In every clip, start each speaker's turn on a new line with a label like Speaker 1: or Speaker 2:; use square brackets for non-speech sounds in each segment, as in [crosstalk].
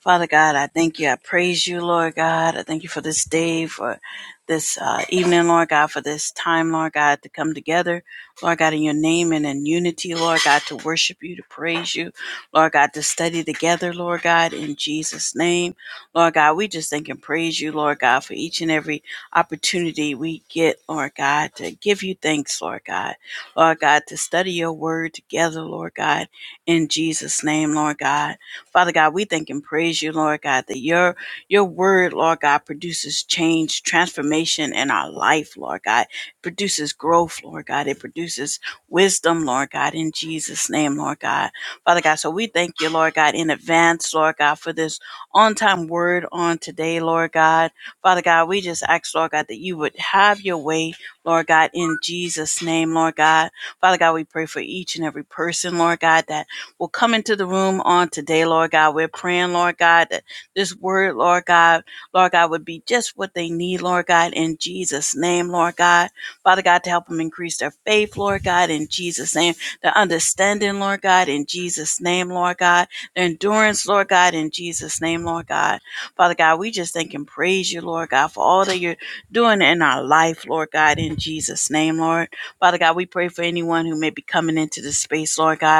Speaker 1: Father God, I thank you. I praise you, Lord God. I thank you for this day, for this uh, evening, Lord God, for this time, Lord God, to come together, Lord God, in your name and in unity, Lord God, to worship you, to praise you, Lord God, to study together, Lord God, in Jesus' name. Lord God, we just thank and praise you, Lord God, for each and every opportunity we get, Lord God, to give you thanks, Lord God. Lord God, to study your word together, Lord God, in Jesus' name, Lord God. Father God, we thank and praise you, Lord God, that your your word, Lord God, produces change, transformation in our life, Lord God. It produces growth, Lord God. It produces wisdom, Lord God, in Jesus' name, Lord God. Father God, so we thank you, Lord God, in advance, Lord God, for this on-time word on today, Lord God. Father God, we just ask, Lord God, that you would have your way, Lord God, in Jesus' name, Lord God. Father God, we pray for each and every person, Lord God, that will come into the room on today, Lord God. We're praying, Lord God, that this word, Lord God, Lord God, would be just what they need, Lord God, in Jesus' name, Lord God. Father God, to help them increase their faith, Lord God, in Jesus' name, their understanding, Lord God, in Jesus' name, Lord God, their endurance, Lord God, in Jesus' name, Lord God. Father God, we just thank and praise you, Lord God, for all that you're doing in our life, Lord God, in Jesus' name, Lord. Father God, we pray for anyone who may be coming into this space, Lord God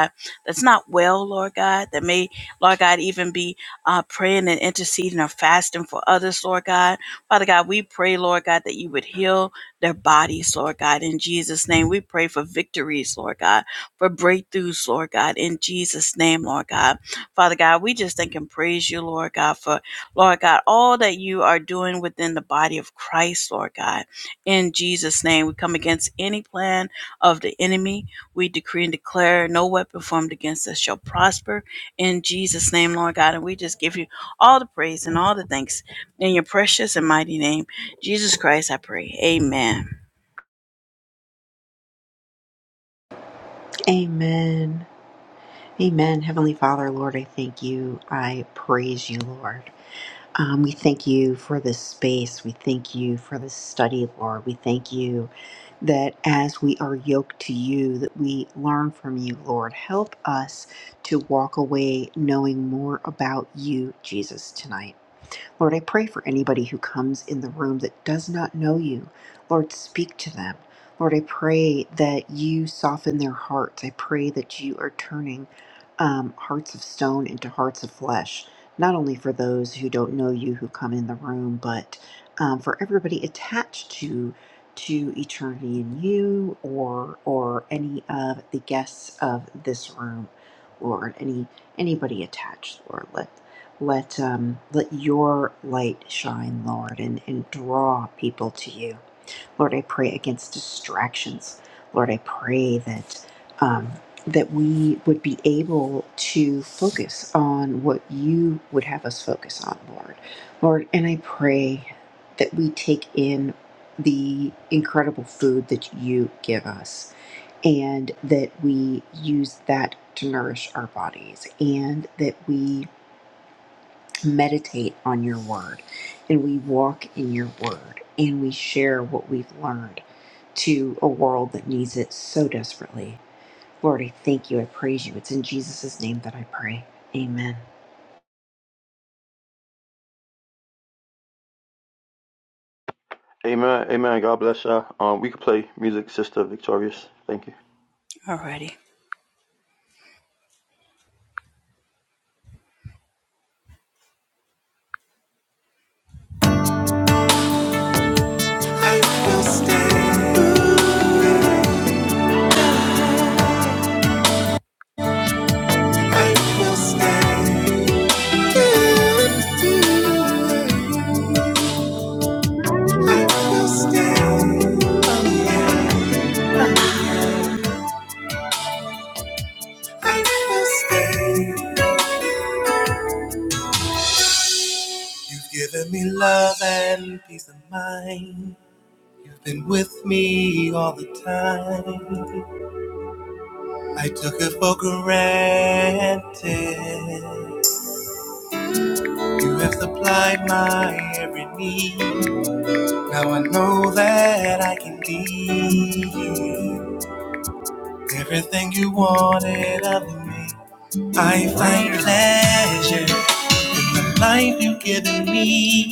Speaker 1: that's not well, Lord God, that may, Lord God, even be uh, praying and interceding or fasting for others, Lord God. Father God, we pray, Lord God, that you would heal their bodies, Lord God, in Jesus' name. We pray for victories, Lord God, for breakthroughs, Lord God, in Jesus' name, Lord God. Father God, we just thank and praise you, Lord God, for, Lord God, all that you are doing within the body of Christ, Lord God, in Jesus' name. We come against any plan of the enemy we decree and declare no weapon formed against us shall prosper in Jesus' name, Lord God. And we just give you all the praise and all the thanks in your precious and mighty name, Jesus Christ. I pray. Amen.
Speaker 2: Amen. Amen. Heavenly Father, Lord, I thank you. I praise you, Lord. Um, we thank you for this space. We thank you for this study, Lord. We thank you that as we are yoked to you, that we learn from you, Lord. Help us to walk away knowing more about you, Jesus, tonight. Lord, I pray for anybody who comes in the room that does not know you. Lord, speak to them. Lord, I pray that you soften their hearts. I pray that you are turning um, hearts of stone into hearts of flesh, not only for those who don't know you who come in the room, but um, for everybody attached to to eternity in you or or any of the guests of this room, Lord, any anybody attached, Lord. Let um, let your light shine, Lord, and, and draw people to you. Lord, I pray against distractions. Lord, I pray that um, that we would be able to focus on what you would have us focus on, Lord. Lord, and I pray that we take in the incredible food that you give us and that we use that to nourish our bodies and that we meditate on your word and we walk in your word and we share what we've learned to a world that needs it so desperately. Lord, I thank you. I praise you. It's in Jesus' name that I pray. Amen.
Speaker 3: Amen. Amen. God bless y'all. Um, we could play music, Sister Victorious. Thank you.
Speaker 1: Alrighty. I will stand. I will stand. I will stand. Oh, yeah. I will stand. You've given me love and peace of mind. You've been with me all the time. I took it for granted. You have supplied my every need. Now I know that I can be everything you wanted of me. I find pleasure in the life you've given me.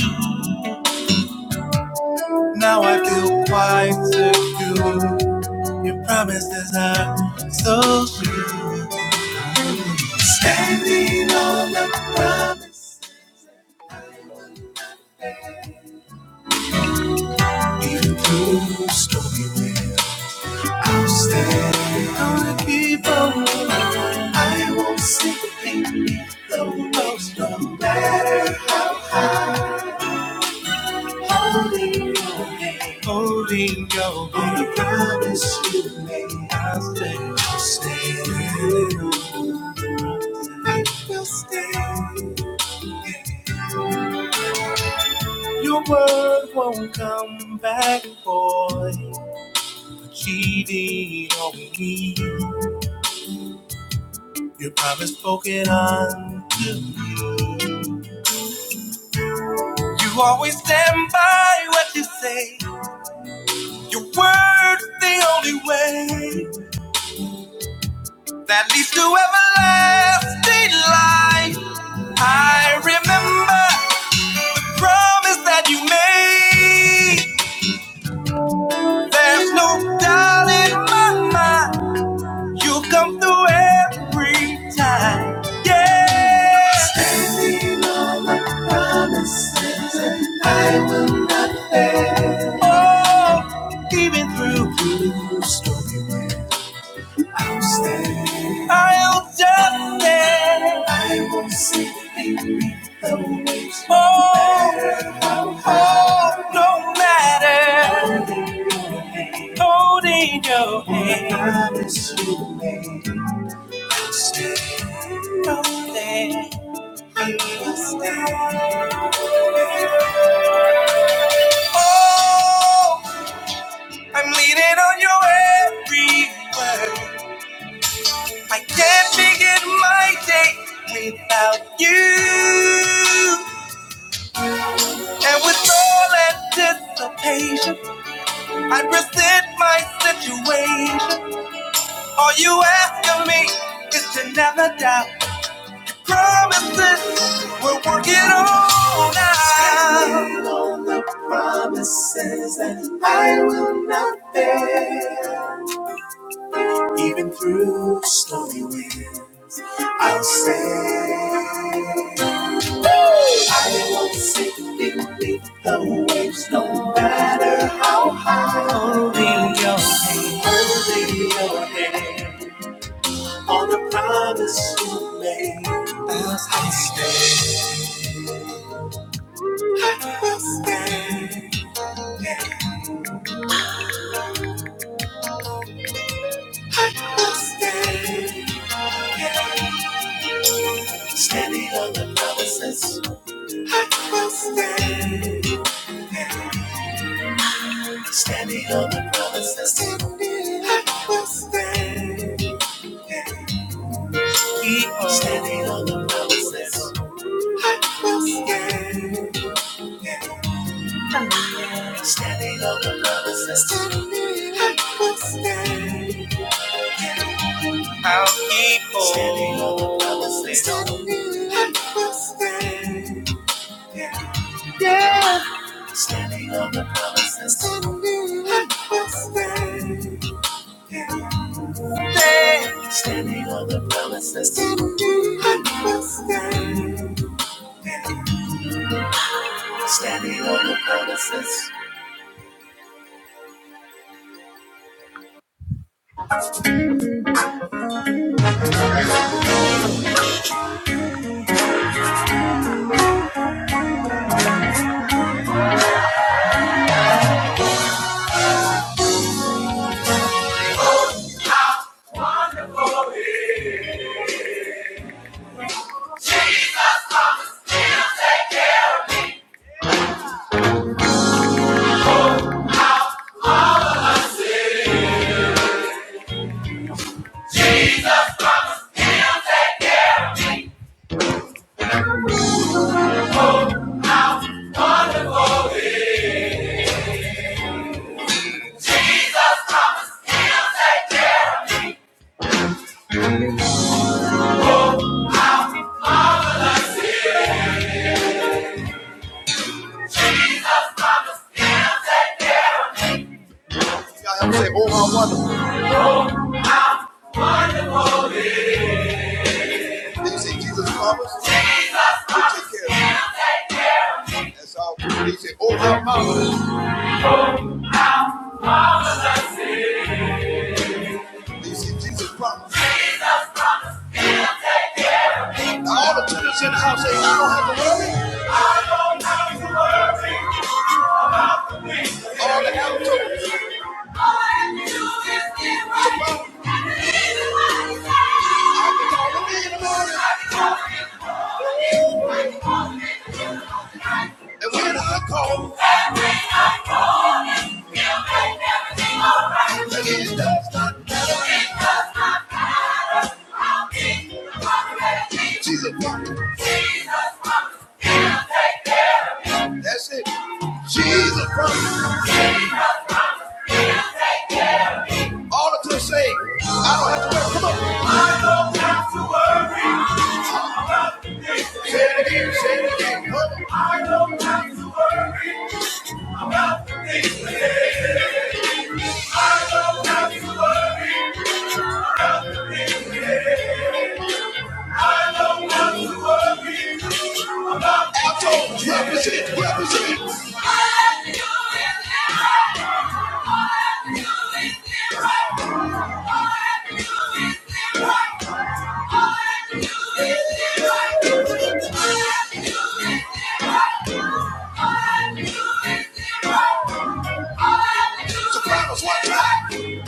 Speaker 1: Now I feel quite secure. Your promises are so true. Standing on the promise, even through stormy winds. I'm standing on the people. I won't sink beneath the waves, no matter how high. Holding your hand, holding your hand. On the promise you made, I'll stand. I'll stand. I will stand. Your word won't come back, boy. void, achieving on me. Your promise spoken unto me. You always stand by what you say. Your word's the only way that leads to everlasting life. I remember the promise that you made. There's no doubt in my mind. You come through every time. Yeah. Standing on the promises and I will not fail. Oh, even through the stormy when I'm standing. I'll just stand. I will not see things. Oh, oh, oh, no matter. Holding your hand. I promise you. Oh, I'm leaning on your every word. I can't begin my day without you. And with all anticipation, I present my situation. All you ask of me is to never doubt. Promises, we're working on now. Standing on the promises that I will not fail. Even through stormy winds, I'll sail. I won't sink beneath the waves, no matter how high. Holding your hand, holding your hand on the promise you made. I'll stand. I will stand, I will stand. Yeah. Standing on the promises. I will stand, Standing on the promises. I will stand, Keep Standing on the promises. I will stand, Standing on the promises. I will stand. I'll keep on standing on the promises. I will stand. Yeah. Standing on the promises. Standing on the promises. Standing on the promises. Standing on the promises. Standing on the promises. Y'all have to say, oh, my mother. Do you see Jesus' promise? take care of it. That's all. Do you say, oh, my mama. Do you see Jesus' promise? Now, all the tenants in the house say, I don't have to worry. All the elders. All I do is give my life. I can call the man in the morning. I believe what you call me. And when I call, God called me. He'll make everything all right. Look, it does not matter. I'll be the possibility. Jesus won. That's it. Jesus promised. All it to say, I don't have to worry. Come on. Say it again. Say it again. Come on. I don't have to worry about the things. we have. Represent, represent. Promise what you like. Everybody,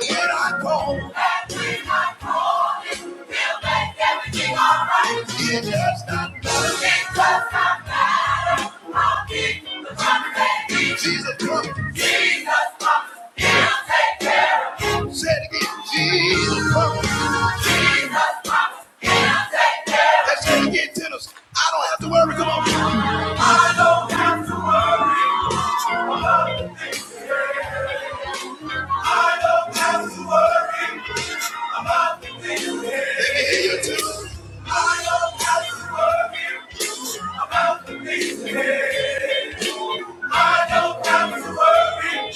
Speaker 1: and when I call, and when I call, it will make everything alright. It does not matter. It does not matter. I'll keep the promise that he- Jesus promised. Jesus promised. He'll take care of you. Say it again. Jesus promised. Jesus promised. He'll take care of you. Let's say it again, tenors. I don't have to worry. Come on. I don't have to worry. I don't have to worry about the things ahead. I don't have to worry about the things ahead. I don't have to worry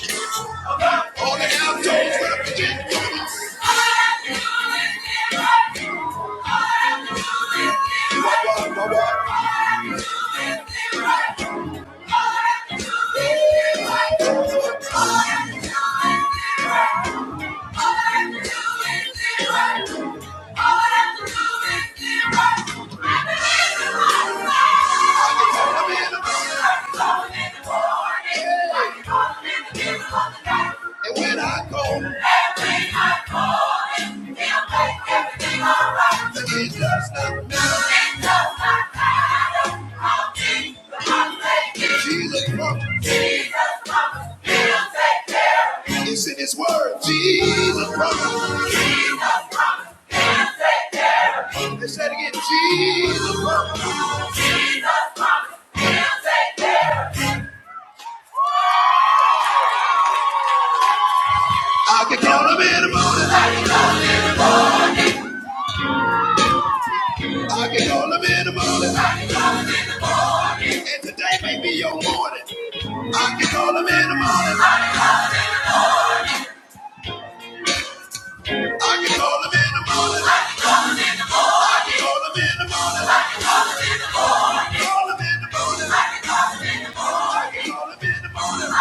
Speaker 1: about all the outdoors where the king comes. I have to do is give up. I have to do is give up. All All All I I I have have have to to to do do do is is is right. right. Thank you. And when I call, and when I call him, He'll make everything go, then it does not matter. It does not matter how deep the heartache is. Jesus promised. Jesus promised, He'll take care of it. It's in His Word. Jesus promised. Jesus will take care of it. Let's say it again. Jesus. promised. He'll take care of it. I can call Him in the morning. I can call Him in the morning. And today may be your morning. I can call him in the morning. I can call him in the morning. I can call him in the morning. I can Call him in the morning. I can call him in the morning.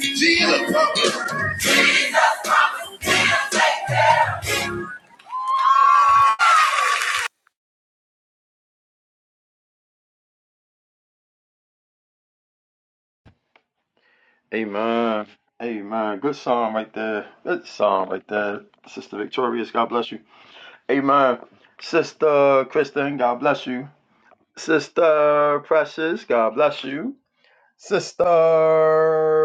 Speaker 1: Jesus. Jesus.
Speaker 3: Amen. Amen. Good song right there. Good song right there, Sister Victorious. God bless you. Amen. Sister Kristen. God bless you. Sister Precious. God bless you. Sister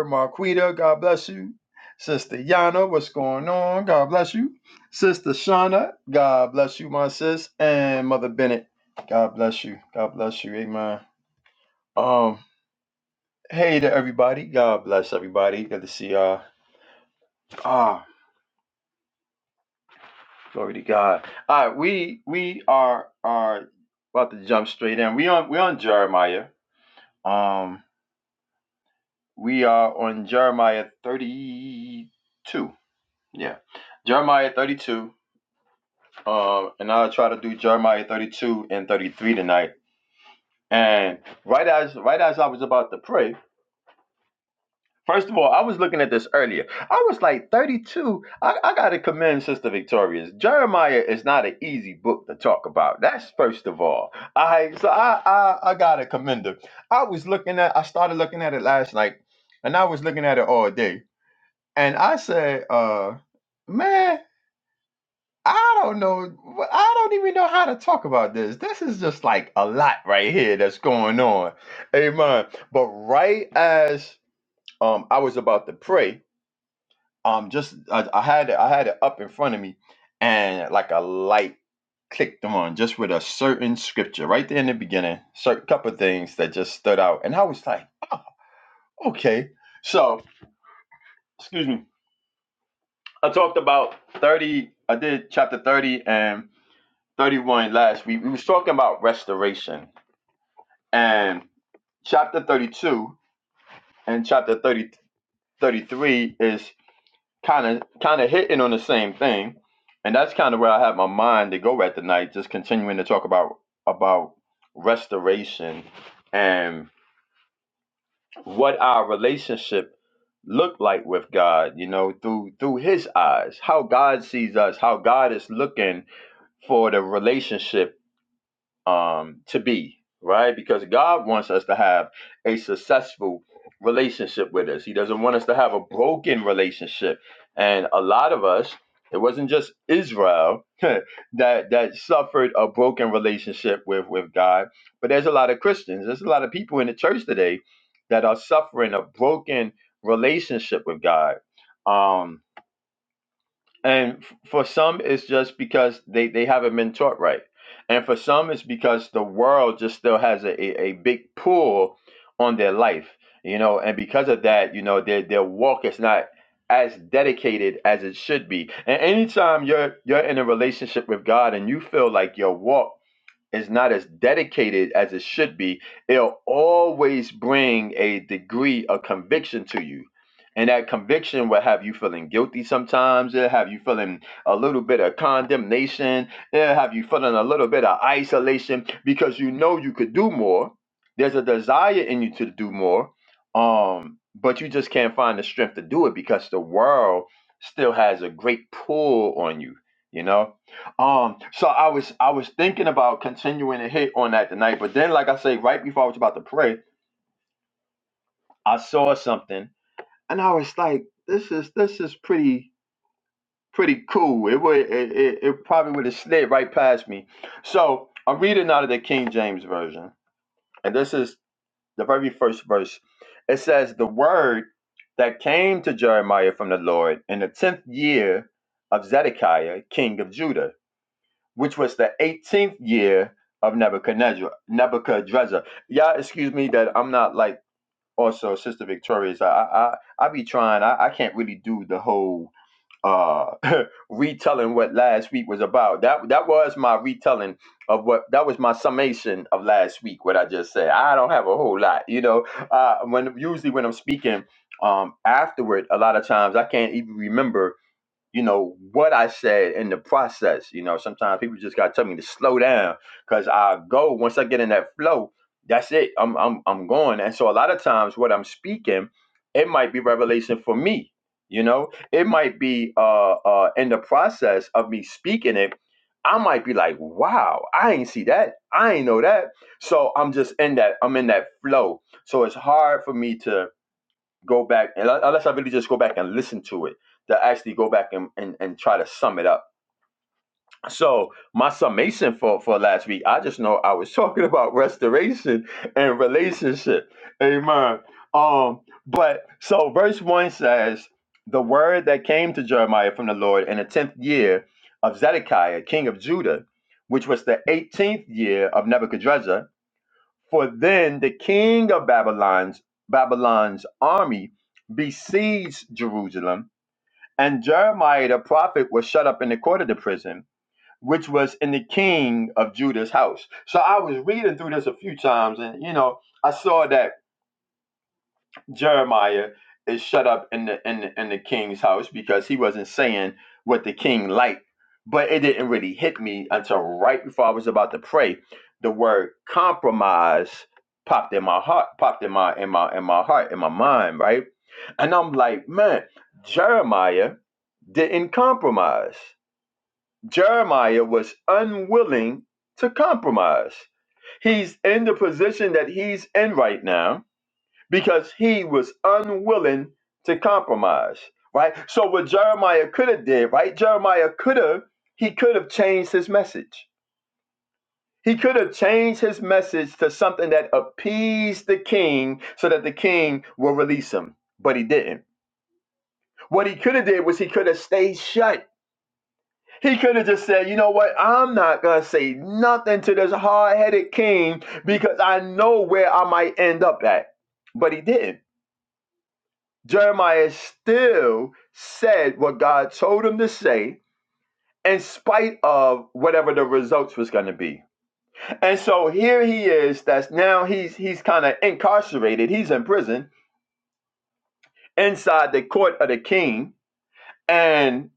Speaker 3: Marquita. God bless you. Sister Yana. What's going on? God bless you. Sister Shauna. God bless you, my sis. And Mother Bennett. God bless you. God bless you. Amen. Um, hey to everybody. God bless everybody. Good to see y'all. Ah, glory to God. All right, we we are are about to jump straight in. We on we on Jeremiah. Um, we are on Jeremiah thirty two. Yeah, Jeremiah thirty two. Um, and I'll try to do Jeremiah thirty two and thirty three tonight. And right as right as I was about to pray, First of all, I was looking at this earlier. I was like 32. I, I got to commend Sister Victorious. Jeremiah is not an easy book to talk about. That's first of all. I so I I, I got to commend her. I was looking at. I started looking at it last night, and I was looking at it all day. And I said, uh, man, I don't know. I don't even know how to talk about this. This is just like a lot right here that's going on. Amen. But right as um I was about to pray um just I, I had it I had it up in front of me and like a light clicked on just with a certain scripture right there in the beginning certain couple of things that just stood out and I was like okay so excuse me I talked about 30 I did chapter 30 and 31 last week we was talking about restoration and chapter 32 and chapter 30 33 is kind of kind of hitting on the same thing, and that's kind of where I had my mind to go at tonight. Just continuing to talk about about restoration and what our relationship looked like with God. You know, through through His eyes, how God sees us, how God is looking for the relationship um, to be, right? Because God wants us to have a successful relationship with us. He doesn't want us to have a broken relationship. And a lot of us, it wasn't just Israel [laughs] that that suffered a broken relationship with with God, but there's a lot of Christians, there's a lot of people in the church today that are suffering a broken relationship with God. Um, and f- for some it's just because they they haven't been taught right and for some it's because the world just still has a, a, a big pull on their life you know and because of that you know their their walk is not as dedicated as it should be and anytime you're you're in a relationship with god and you feel like your walk is not as dedicated as it should be, it'll always bring a degree of conviction to you. And that conviction will have you feeling guilty sometimes. It'll have you feeling a little bit of condemnation. It'll have you feeling a little bit of isolation because you know you could do more. There's a desire in you to do more, um, but you just can't find the strength to do it because the world still has a great pull on you. You know, um, so I was I was thinking about continuing to hit on that tonight, but then like I say, right before I was about to pray, I saw something and I was like, this is this is pretty pretty cool. It would it, it, it probably would have slid right past me. So I'm reading out of the King James Version, and this is the very first verse. It says, The word that came to Jeremiah from the Lord in the tenth year of Zedekiah, king of Judah which was the 18th year of Nebuchadnezzar. Nebuchadnezzar. Y'all, excuse me that I'm not like also Sister Victorious. I I I I be trying. I, I can't really do the whole uh [laughs] retelling what last week was about. That that was my retelling of what that was my summation of last week. What I just said. I don't have a whole lot, you know. Uh, when usually when I'm speaking um afterward, a lot of times I can't even remember you know what I said in the process. You know, sometimes people just gotta tell me to slow down because I go once I get in that flow. That's it. I'm I'm I'm going. And so a lot of times what I'm speaking, it might be revelation for me. You know, it might be uh uh in the process of me speaking it. I might be like, wow, I ain't see that. I ain't know that. So I'm just in that, I'm in that flow. So it's hard for me to go back and unless I really just go back and listen to it to actually go back and, and, and try to sum it up. So my summation for, for last week, I just know I was [laughs] talking about restoration and relationship. Amen. Um, but so verse one says, the word that came to Jeremiah from the Lord in the tenth year of Zedekiah, king of Judah, which was the eighteenth year of Nebuchadrezzar, for then the king of Babylon's Babylon's army besieged Jerusalem, and Jeremiah the prophet was shut up in the court of the prison, which was in the king of Judah's house. So I was reading through this a few times, and you know, I saw that Jeremiah is shut up in the in the, in the king's house because he wasn't saying what the king liked. But it didn't really hit me until right before I was about to pray. The word compromise popped in my heart, popped in my in my in my heart, in my mind, right? And I'm like, man, Jeremiah didn't compromise. Jeremiah was unwilling to compromise. He's in the position that he's in right now because he was unwilling to compromise, right? So what Jeremiah could have did, right? Jeremiah could have he could have changed his message. He could have changed his message to something that appeased the king so that the king will release him, but he didn't. What he could have did was he could have stayed shut. He could have just said, "You know what? I'm not going to say nothing to this hard-headed king because I know where I might end up at." But he didn't. Jeremiah still said what God told him to say in spite of whatever the results was going to be. And so here he is that's now he's he's kind of incarcerated. He's in prison inside the court of the king and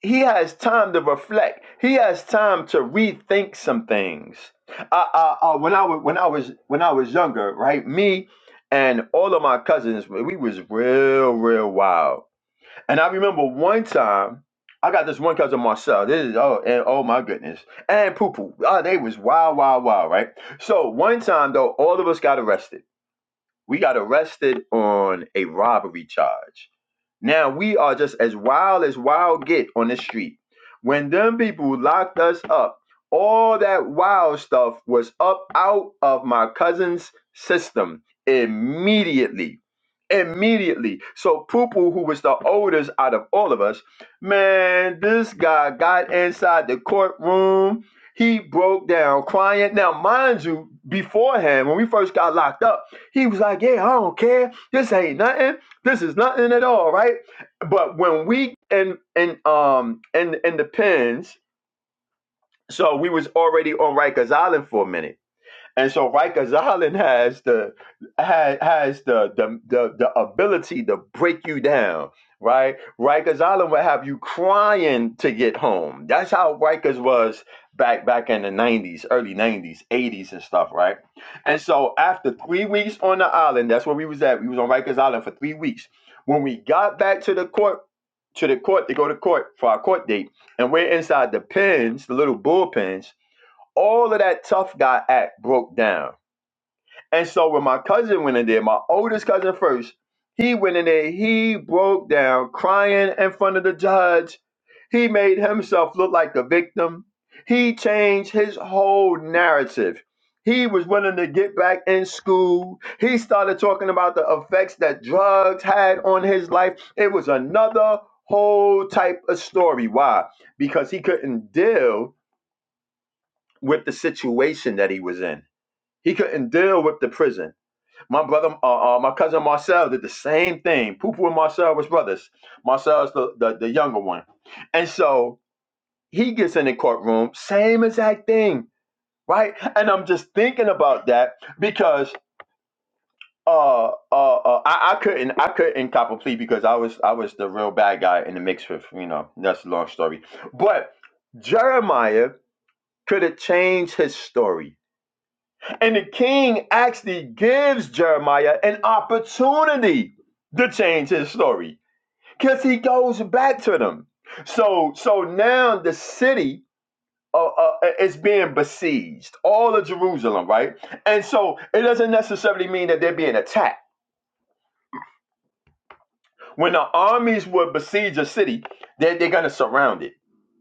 Speaker 3: he has time to reflect. He has time to rethink some things. Uh, I, I, when I was when I was when I was younger, right? Me and all of my cousins, we was real real wild And I remember one time, I got this one cousin Marcel. This is oh and oh my goodness. And Poo Poo. Oh, they was wild, wild, wild, right? So one time though, all of us got arrested. We got arrested on a robbery charge. Now we are just as wild as wild get on the street. When them people locked us up, all that wild stuff was up out of my cousin's system immediately. Immediately. So Poo-Poo, who was the oldest out of all of us, man, this guy got inside the courtroom. He broke down crying. Now, mind you, beforehand, when we first got locked up, he was like, Yeah, I don't care. This ain't nothing. This is nothing at all, right? But when we and and um and and the pins, so we was already on Rikers Island for a minute. And so Rikers Island has the has, has the, the the the ability to break you down, right? Rikers Island will have you crying to get home. That's how Rikers was back back in the 90s, early 90s, 80s and stuff, right? And so after three weeks on the island, that's where we was at. We was on Rikers Island for three weeks. When we got back to the court, to the court to go to court for our court date, and we're inside the pens, the little bullpens all of that tough guy act broke down. And so when my cousin went in there, my oldest cousin first, he went in there, he broke down crying in front of the judge. He made himself look like the victim. He changed his whole narrative. He was willing to get back in school. He started talking about the effects that drugs had on his life. It was another whole type of story. Why? Because he couldn't deal with the situation that he was in. He couldn't deal with the prison. My brother, uh, uh, my cousin Marcel did the same thing. Pupu and Marcel was brothers. Marcel is the, the, the younger one. And so he gets in the courtroom, same exact thing, right? And I'm just thinking about that because uh, uh, uh, I, I couldn't, I couldn't cop a plea because I was, I was the real bad guy in the mix with, you know, that's a long story. But Jeremiah could have changed his story And the king actually gives Jeremiah an opportunity to change his story because he goes back to them. So, so now the city uh, uh, is being besieged, all of Jerusalem, right? And so it doesn't necessarily mean that they're being attacked. When the armies would besiege a city, they are they're going to surround it.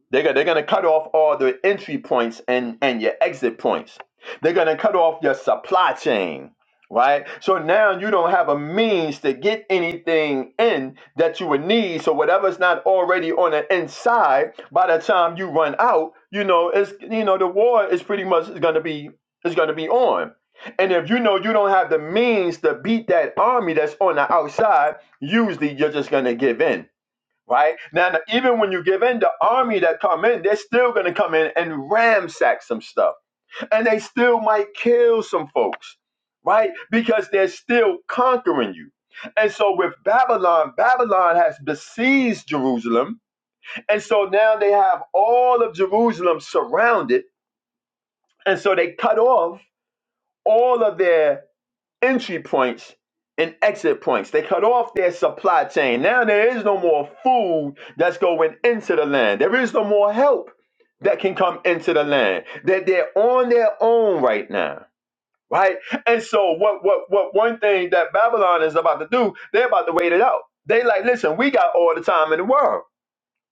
Speaker 3: They're, gonna- they're going to cut off all the entry points and, and your exit points. They're going to cut off your supply chain, right? So now you don't have a means to get anything in that you would need. So whatever's not already on the inside, by the time you run out, you know, it's, you know, the war is pretty much going to be, is going to be on. And if you know you don't have the means to beat that army that's on the outside, usually you're just going to give in right? Now, now, even when you give in, the army that come in, they're still going to come in and ramsack some stuff. And they still might kill some folks, right? Because they're still conquering you. And so with Babylon, Babylon has besieged Jerusalem. And so now they have all of Jerusalem surrounded. And so they cut off all of their entry points and exit points. They cut off their supply chain. Now there is no more food that's going into the land. There is no more help that can come into the land. That they're on their own right now. Right? And so what what what one thing that Babylon is about to do, they're about to wait it out. They like, listen, we got all the time in the world.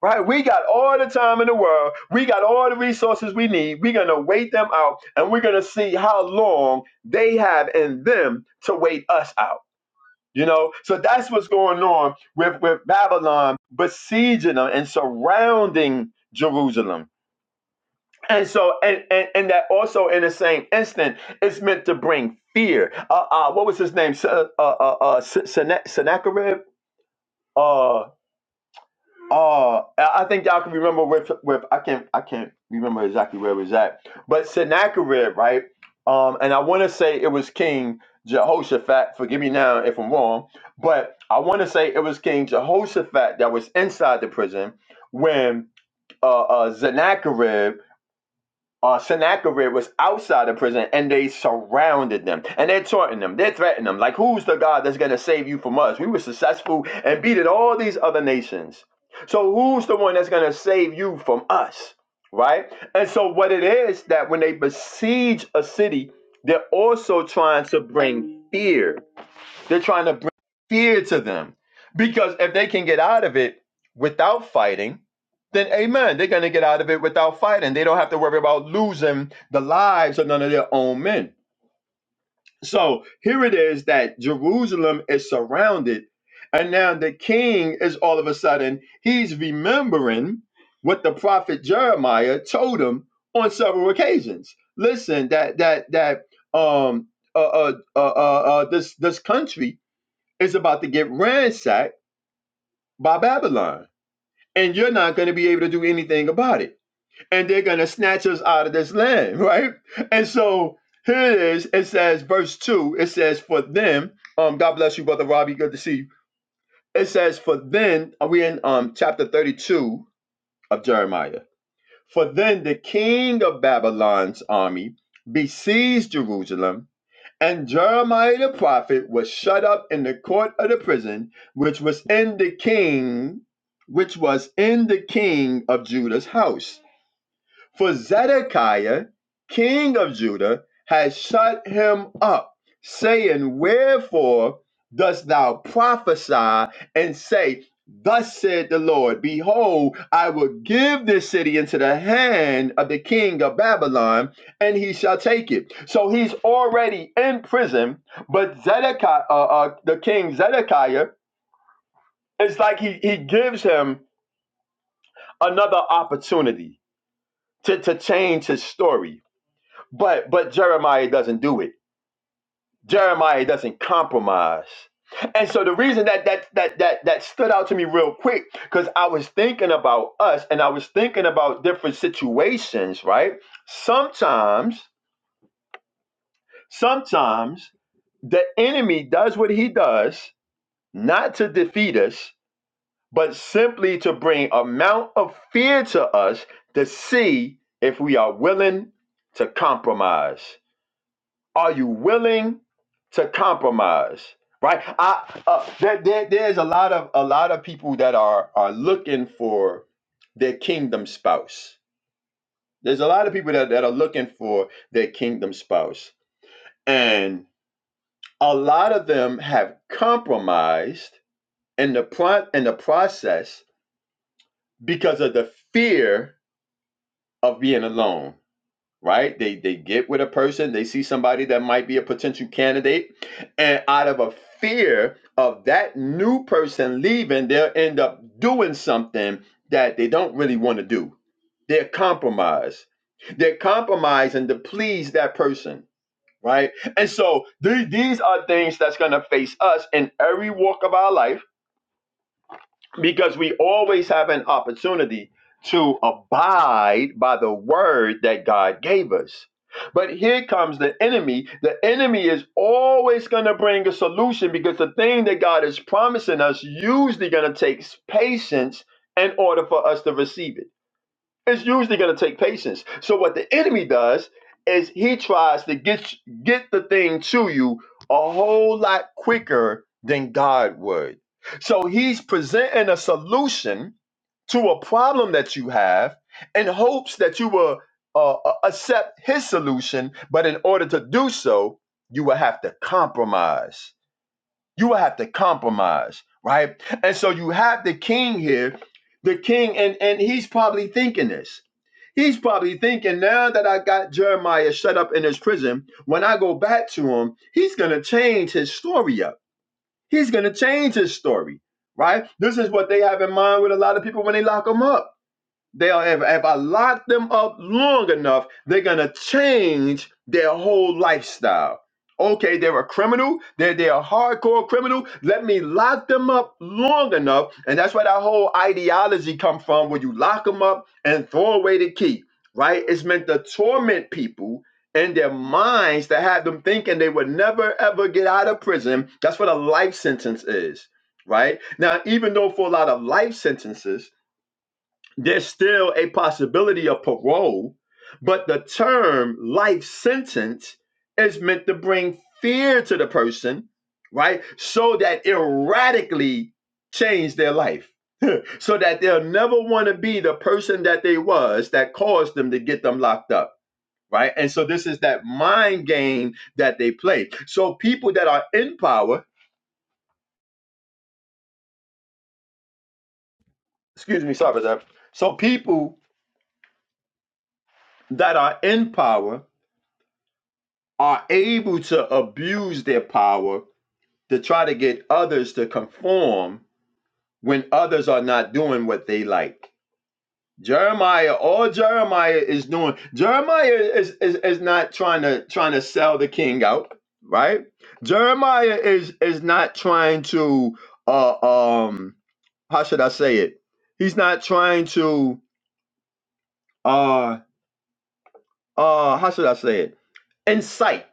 Speaker 3: Right? We got all the time in the world. We got all the resources we need. We're going to wait them out and we're going to see how long they have in them to wait us out. You know, so that's what's going on with, with Babylon besieging them and surrounding Jerusalem. And so, and, and, and that also in the same instant, it's meant to bring fear. Uh, uh, what was his name? Se- Uh, uh, uh, Se- Sene- Sennacherib? Uh, Uh, I I think y'all can remember with with I can't I can't remember exactly where it was at, but Sennacherib, right? Um, and I want to say it was King Jehoshaphat. Forgive me now if I'm wrong, but I want to say it was King Jehoshaphat that was inside the prison when uh, uh, Sennacherib uh, Sennacherib was outside the prison and they surrounded them and they're taunting them, they're threatening them. Like, who's the God that's going to save you from us? We were successful and beaten all these other nations. So, who's the one that's going to save you from us? Right? And so, what it is that when they besiege a city, they're also trying to bring fear they're trying to bring fear to them because if they can get out of it without fighting, then amen, they're going to get out of it without fighting. They don't have to worry about losing the lives of none of their own men. So here it is that Jerusalem is surrounded. And now the king is all of a sudden, he's remembering what the prophet Jeremiah told him on several occasions. Listen, that, that, that, um, uh, uh, uh, uh, uh, this this country it's about to get ransacked by Babylon. And you're not going to be able to do anything about it. And they're going to snatch us out of this land, [laughs] right? And so here it is. It says, verse 2, it says, For them, um, God bless you, Brother Robbie. Good to see you. It says, For then, are we in um, chapter 32 of Jeremiah? For then the king of Babylon's army besieged Jerusalem And Jeremiah the prophet was shut up in the court of the prison, which was in the king, which was in the king of Judah's house. For Zedekiah, king of Judah, has shut him up, saying, Wherefore dost thou prophesy and say, Thus said the Lord, Behold, I will give this city into the hand of the king of Babylon, and he shall take it. So he's already in prison, but Zedekiah, uh, uh, the king Zedekiah, it's like he, he gives him another opportunity to, to change his story But but Jeremiah doesn't do it. Jeremiah doesn't compromise. And so the reason that that that that that stood out to me real quick cuz I was thinking about us and I was thinking about different situations, right? Sometimes sometimes the enemy does what he does not to defeat us, but simply to bring amount of fear to us to see if we are willing to compromise. Are you willing to compromise? Right? I uh, there, there, there's a lot of a lot of people that are are looking for their kingdom spouse. There's a lot of people that, that are looking for their kingdom spouse. And a lot of them have compromised in the pro- in the process because of the fear of being alone right? They they get with a person, they see somebody that might be a potential candidate, and out of a fear of that new person leaving, they'll end up doing something that they don't really want to do. They're compromised. They're compromising to please that person, right? And so the- these are things that's going to face us in every walk of our life because we always have an opportunity to abide by the word that God gave us. But here comes the enemy. The enemy is always going to bring a solution because the thing that God is promising us usually going to takes patience in order for us to receive it. It's usually going to take patience. So what the enemy does is he tries to get get the thing to you a whole lot quicker than God would. So he's presenting a solution to a problem that you have in hopes that you will uh, uh, accept his solution, but in order to do so, you will have to compromise. You will have to compromise, right? And so you have the king here, the king, and and he's probably thinking this. He's probably thinking now that I got Jeremiah shut up in his prison, when I go back to him, he's going to change his story up. He's going to change his story, right? This is what they have in mind with a lot of people when they lock them up. They'll if, if I lock them up long enough, they're gonna change their whole lifestyle. Okay, they're a criminal, they're they're a hardcore criminal. Let me lock them up long enough, and that's where that whole ideology come from, where you lock them up and throw away the key. Right? It's meant to torment people in their minds to have them thinking they would never ever get out of prison. That's what a life sentence is. Right? Now, even though for a lot of life sentences, there's still a possibility of parole, but the term life sentence is meant to bring fear to the person, right? So that it radically change their life, so that they'll never want to be the person that they was that caused them to get them locked up. Right. And so this is that mind game that they play. So people that are in power, excuse me, sorry about that. So people that are in power are able to abuse their power to try to get others to conform when others are not doing what they like. Jeremiah, all Jeremiah is doing, Jeremiah is, is, is not trying to trying to sell the king out, right? Jeremiah is is not trying to uh um how should I say it? He's not trying to uh uh how should I say it? Incite.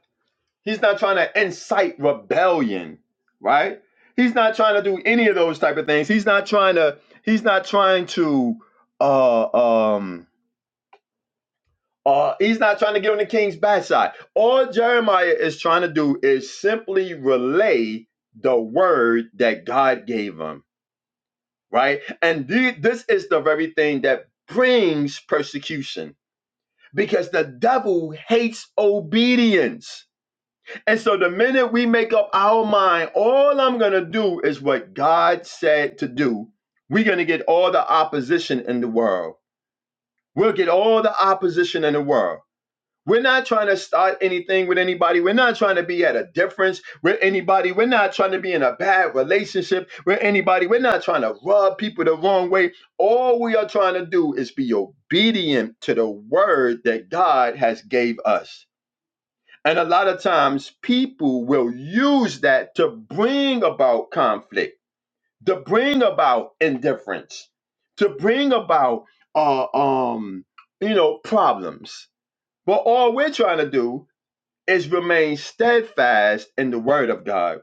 Speaker 3: He's not trying to incite rebellion, right? He's not trying to do any of those type of things. He's not trying to. He's not trying to. Uh, um, uh, he's not trying to get on the king's backside. All Jeremiah is trying to do is simply relay the word that God gave him, right? And the- this is the very thing that brings persecution because the devil hates obedience And so the minute we make up our mind, all I'm going to do is what God said to do, we're going to get all the opposition in the world. We'll get all the opposition in the world. We're not trying to start anything with anybody. We're not trying to be at a difference with anybody. We're not trying to be in a bad relationship with anybody. We're not trying to rub people the wrong way. All we are trying to do is be obedient to the word that God has gave us. And a lot of times people will use that to bring about conflict, to bring about indifference, to bring about uh, um, you know, problems. But all we're trying to do is remain steadfast in the word of God.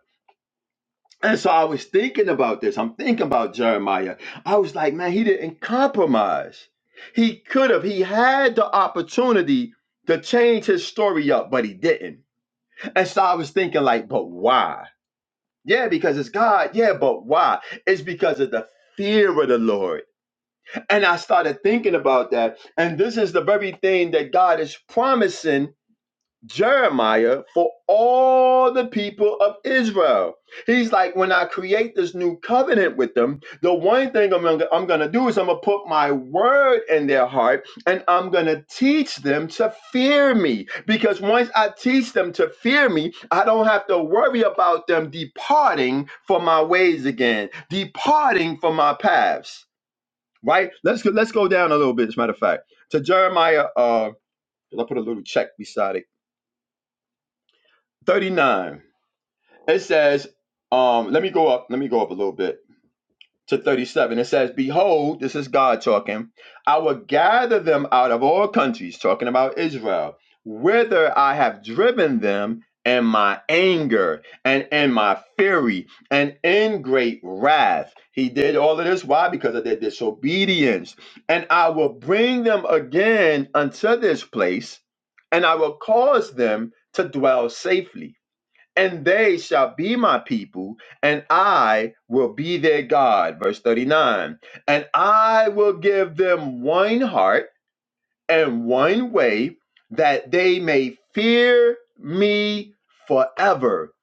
Speaker 3: And so I was thinking about this. I'm thinking about Jeremiah. I was like, man, he didn't compromise. He could have. He had the opportunity to change his story up, but he didn't and so I was thinking, like, but why? Yeah, because it's God. Yeah, but why? It's because of the fear of the Lord. And I started thinking about that. And this is the very thing that God is promising Jeremiah for all the people of Israel. He's like, when I create this new covenant with them, the one thing I'm gonna, I'm gonna do is I'm gonna put my word in their heart and I'm gonna teach them to fear me. Because once I teach them to fear me, I don't have to worry about them departing from my ways again, departing from my paths. Right? Let's go, let's go down a little bit, as a matter of fact. To Jeremiah, uh, I put a little check beside it. 39. It says, um, let me go up, let me go up a little bit to 37. It says, Behold, this is God talking, I will gather them out of all countries, talking about Israel, whither I have driven them in my anger and in my fury and in great wrath. He did all of this. Why? Because of their disobedience. And I will bring them again unto this place, and I will cause them to dwell safely and they shall be my people, and I will be their God. Verse 39 And I will give them one heart and one way that they may fear me forever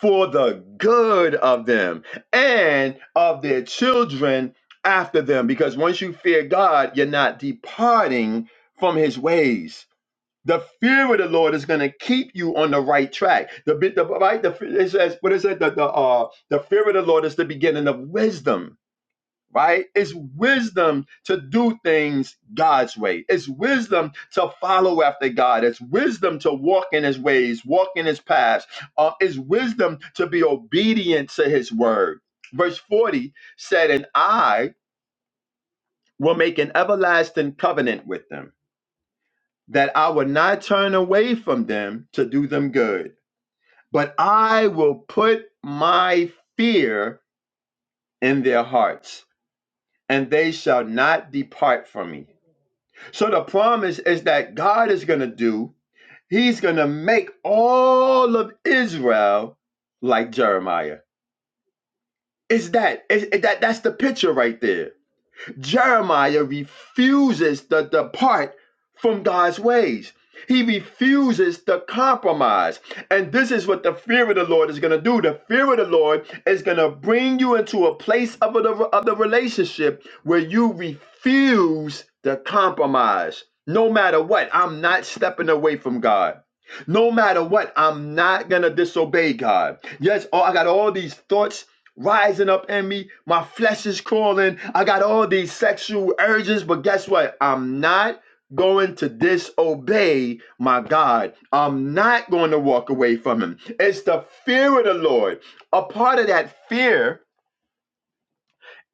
Speaker 3: for the good of them and of their children after them. Because once you fear God, you're not departing from his ways. The fear of the Lord is going to keep you on the right track. The bit, the right, the it says, what is it? The the uh, the fear of the Lord is the beginning of wisdom. Right? It's wisdom to do things God's way. It's wisdom to follow after God. It's wisdom to walk in His ways, walk in His paths. Uh, it's wisdom to be obedient to His word. Verse forty said, "And I will make an everlasting covenant with them." that I will not turn away from them to do them good, but I will put my fear in their hearts, and they shall not depart from me. So the promise is that God is going to do, He's going to make all of Israel like Jeremiah. Is that is that that's the picture right there? Jeremiah refuses to depart from God's ways. He refuses to compromise. And this is what the fear of the Lord is going to do. The fear of the Lord is going to bring you into a place of the, of the relationship where you refuse to compromise. No matter what, I'm not stepping away from God. No matter what, I'm not going to disobey God. Yes, oh, I got all these thoughts rising up in me. My flesh is crawling. I got all these sexual urges, but guess what? I'm not going to disobey my God. I'm not going to walk away from him. It's the fear of the Lord. A part of that fear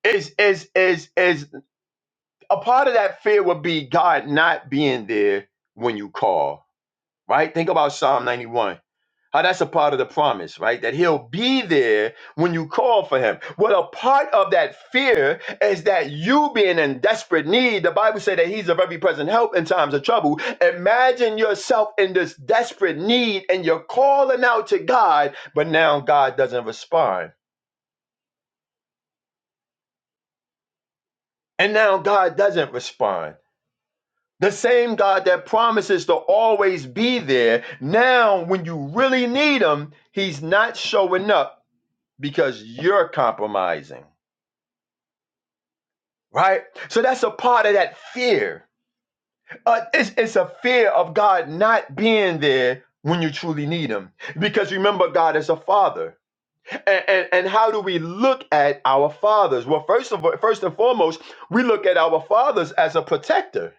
Speaker 3: is is is is a part of that fear would be God not being there when you call. Right? Think about Psalm 91 How that's a part of the promise, right? That he'll be there when you call for him. Well, a part of that fear is that you being in desperate need. The Bible said that he's a very present help in times of trouble. Imagine yourself in this desperate need and you're calling out to God, but now God doesn't respond. And now God doesn't respond. The same God that promises to always be there, now when you really need him, he's not showing up because you're compromising. right? So that's a part of that fear. Uh, it's, it's a fear of God not being there when you truly need Him. Because remember, God is a father. And, and, and how do we look at our fathers? Well, first of all, first and foremost, we look at our fathers as a protector.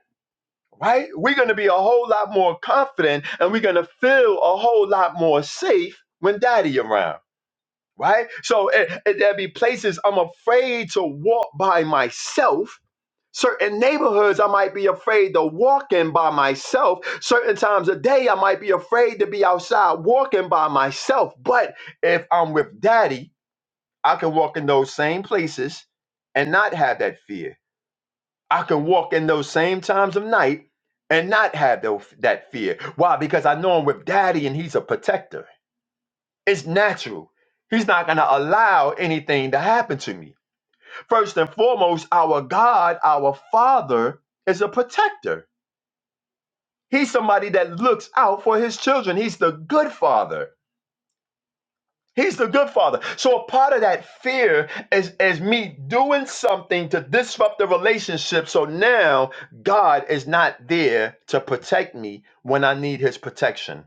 Speaker 3: Right? We're going to be a whole lot more confident and we're going to feel a whole lot more safe when daddy around. Right? So eh, eh, there'll be places I'm afraid to walk by myself Certain neighborhoods I might be afraid to walk in by myself. Certain times of day I might be afraid to be outside walking by myself. But if I'm with daddy, I can walk in those same places and not have that fear. I can walk in those same times of night and not have tho- that fear. Why? Because I know I'm with daddy and he's a protector. It's natural. He's not going to allow anything to happen to me. First and foremost, our God, our Father, is a protector. He's somebody that looks out for his children. He's the good father. He's the good father. So a part of that fear is, is me doing something to disrupt the relationship. So now God is not there to protect me when I need his protection.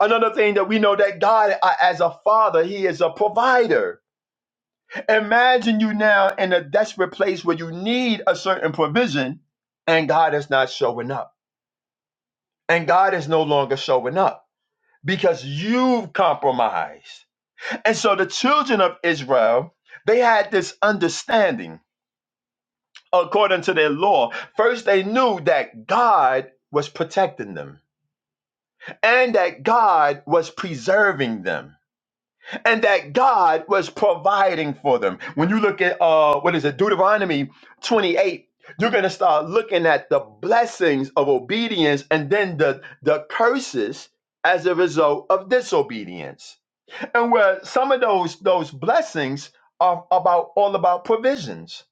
Speaker 3: Another thing that we know that God, uh, as a father, he is a provider. Imagine you now in a desperate place where you need a certain provision and God is not showing up. And God is no longer showing up because you've compromised. And so the children of Israel, they had this understanding according to their law. First, they knew that God was protecting them, and that God was preserving them, and that God was providing for them. When you look at uh what is it, Deuteronomy 28, you're gonna start looking at the blessings of obedience and then the the curses as a result of disobedience. and where some of those those blessings are about all about provisions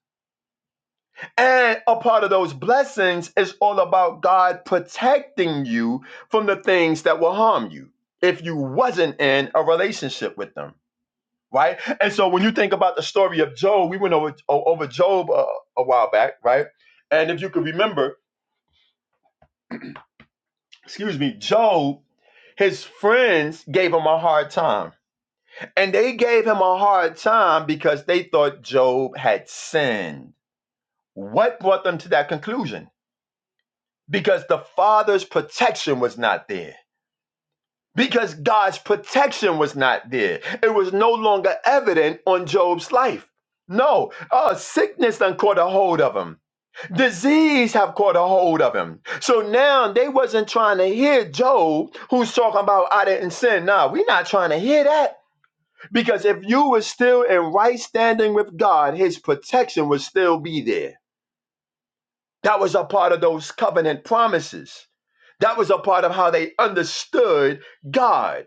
Speaker 3: and a part of those blessings is all about god protecting you from the things that will harm you if you wasn't in a relationship with them right and so when you think about the story of job we went over o- over job a, a while back right and if you could remember excuse me job his friends gave him a hard time And they gave him a hard time because they thought Job had sinned. What brought them to that conclusion? Because the father's protection was not there. Because God's protection was not there. It was no longer evident on Job's life. No, uh, sickness done caught a hold of him. Disease have caught a hold of him. So now they wasn't trying to hear Job, who's talking about I didn't sin. Nah, we not trying to hear that. Because if you were still in right standing with God, his protection would still be there. That was a part of those covenant promises. That was a part of how they understood God.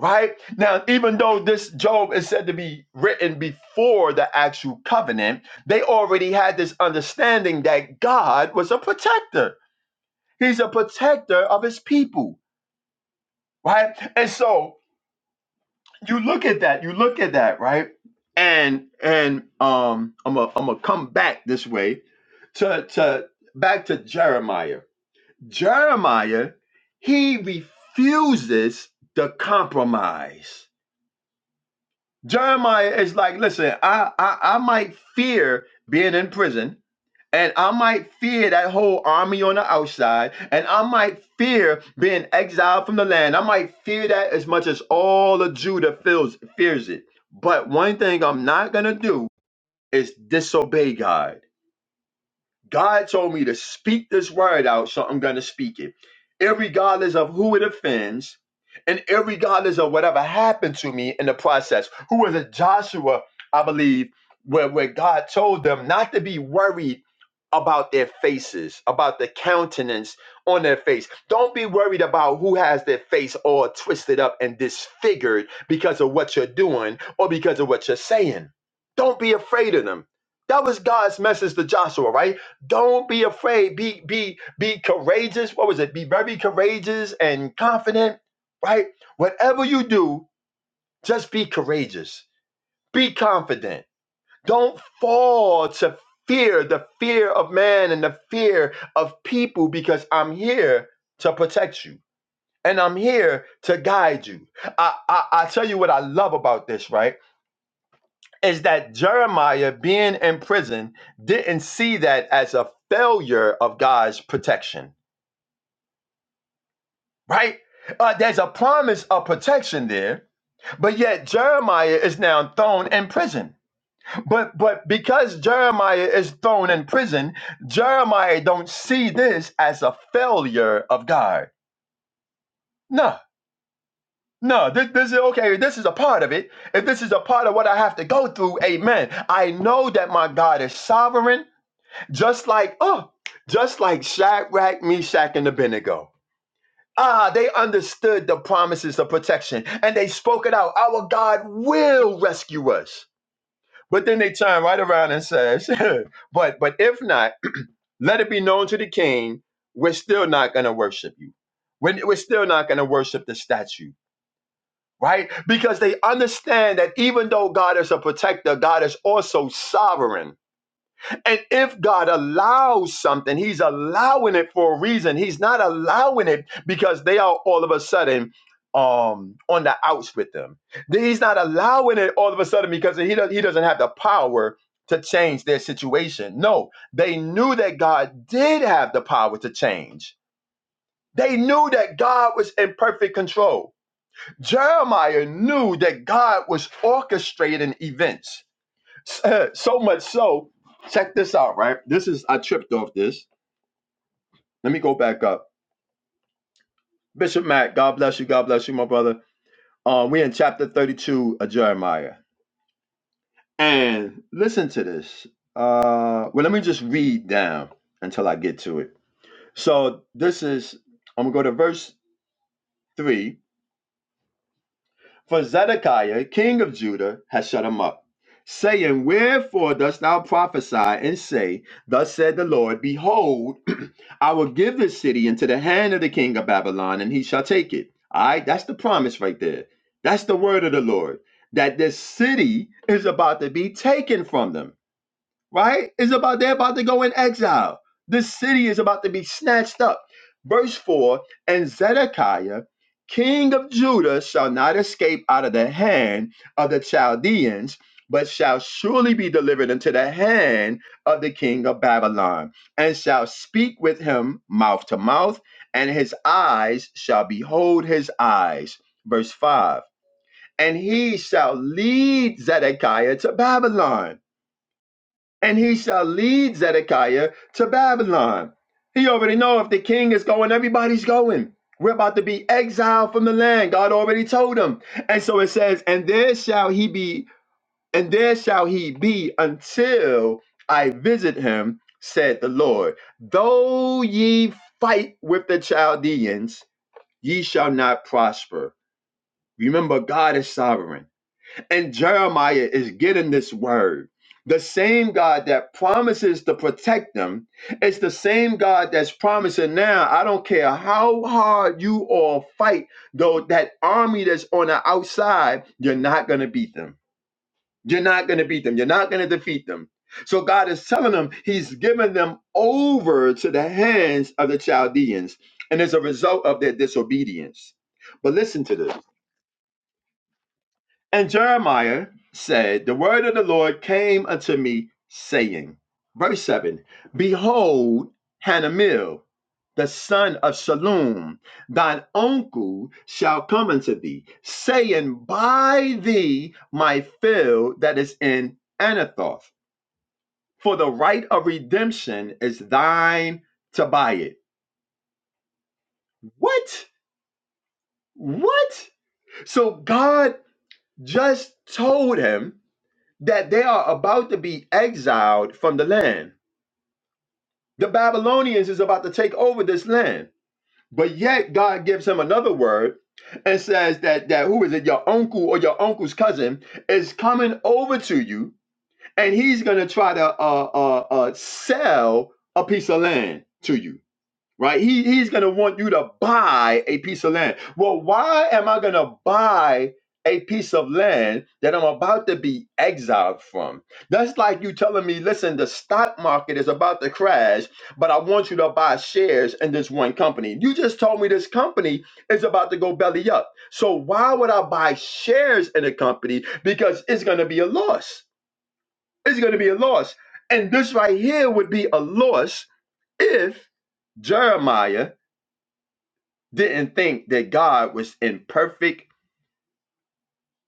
Speaker 3: Right? Now, even though this Job is said to be written before the actual covenant, they already had this understanding that God was a protector. He's a protector of his people. Right? And so you look at that, you look at that, right? And and um I'm a I'm gonna come back this way to to back to Jeremiah. Jeremiah, he refuses to compromise. Jeremiah is like, listen, I I, I might fear being in prison and I might fear that whole army on the outside. And I might fear being exiled from the land. I might fear that as much as all of Judah feels fears it. But one thing I'm not gonna do is disobey God. God told me to speak this word out, so I'm going to speak it. Irregardless of who it offends, and irregardless of whatever happened to me in the process. Who was a Joshua, I believe, where, where God told them not to be worried about their faces, about the countenance on their face. Don't be worried about who has their face all twisted up and disfigured because of what you're doing or because of what you're saying. Don't be afraid of them. That was God's message to Joshua, right? Don't be afraid. Be be be courageous. What was it? Be very courageous and confident, right? Whatever you do, just be courageous. Be confident. Don't fall to fear, the fear of man and the fear of people because I'm here to protect you. And I'm here to guide you. I, I, I tell you what I love about this, right? Is that Jeremiah being in prison didn't see that as a failure of God's protection right? Uh, there's a promise of protection there, but yet Jeremiah is now thrown in prison. But but because Jeremiah is thrown in prison, Jeremiah don't see this as a failure of God. No, no, this, this is okay. This is a part of it. If this is a part of what I have to go through, Amen. I know that my God is sovereign, just like oh, just like Shadrach, Meshach, and Abednego Ah, they understood the promises of protection and they spoke it out. Our God will rescue us. But then they turn right around and says, [laughs] But but if not, [clears throat] let it be known to the king, we're still not gonna worship you. We're, we're still not gonna worship the statue, right? Because they understand that even though God is a protector, God is also sovereign. And if God allows something, He's allowing it for a reason. He's not allowing it because they are all of a sudden um on the outs with them. He's not allowing it all of a sudden because he does, he doesn't have the power to change their situation. No, they knew that God did have the power to change. They knew that God was in perfect control. Jeremiah knew that God was orchestrating events. Uh, so much so, check this out, right? This is I tripped off this. Let me go back up. Bishop Matt, God bless you, God bless you, my brother. Um, we're in chapter 32 of Jeremiah. And listen to this. Uh well, let me just read down until I get to it. So this is I'm gonna go to verse 3. For Zedekiah, king of Judah, has shut him up, saying, Wherefore dost thou prophesy and say, Thus said the Lord, Behold, [clears throat] I will give this city into the hand of the king of Babylon, and he shall take it. All right, that's the promise right there. That's the word of the Lord that this city is about to be taken from them right? It's about they're about to go in exile. This city is about to be snatched up. Verse 4 And Zedekiah, king of Judah, shall not escape out of the hand of the Chaldeans, but shall surely be delivered into the hand of the king of Babylon, and shall speak with him mouth to mouth, and his eyes shall behold his eyes. Verse 5 And he shall lead Zedekiah to Babylon and he shall lead Zedekiah to Babylon. He already know if the king is going, everybody's going. We're about to be exiled from the land. God already told him. And so it says, and there shall he be, and there shall he be until I visit him, said the Lord. Though ye fight with the Chaldeans, ye shall not prosper. Remember, God is sovereign. And Jeremiah is getting this word. The same God that promises to protect them, it's the same God that's promising now. I don't care how hard you all fight, though that army that's on the outside, you're not gonna beat them. You're not gonna beat them. You're not gonna defeat them. So God is telling them He's given them over to the hands of the Chaldeans, and as a result of their disobedience. But listen to this. And Jeremiah said, The word of the Lord came unto me, saying, Verse 7 Behold, Hanamel, the son of Shalom, thine uncle, shall come unto thee, saying, Buy thee my field that is in Anathoth, for the right of redemption is thine to buy it. What? What? So God just told him that they are about to be exiled from the land. The Babylonians is about to take over this land. But yet God gives him another word and says that that who is it your uncle or your uncle's cousin is coming over to you and he's going to try to uh, uh, uh, sell a piece of land to you right? He, he's going to want you to buy a piece of land. Well, why am I going to buy a piece of land that I'm about to be exiled from? That's like you telling me, listen, the stock market is about to crash, but I want you to buy shares in this one company. You just told me this company is about to go belly up. So why would I buy shares in a company? Because it's going to be a loss. It's going to be a loss. And this right here would be a loss if Jeremiah didn't think that God was in perfect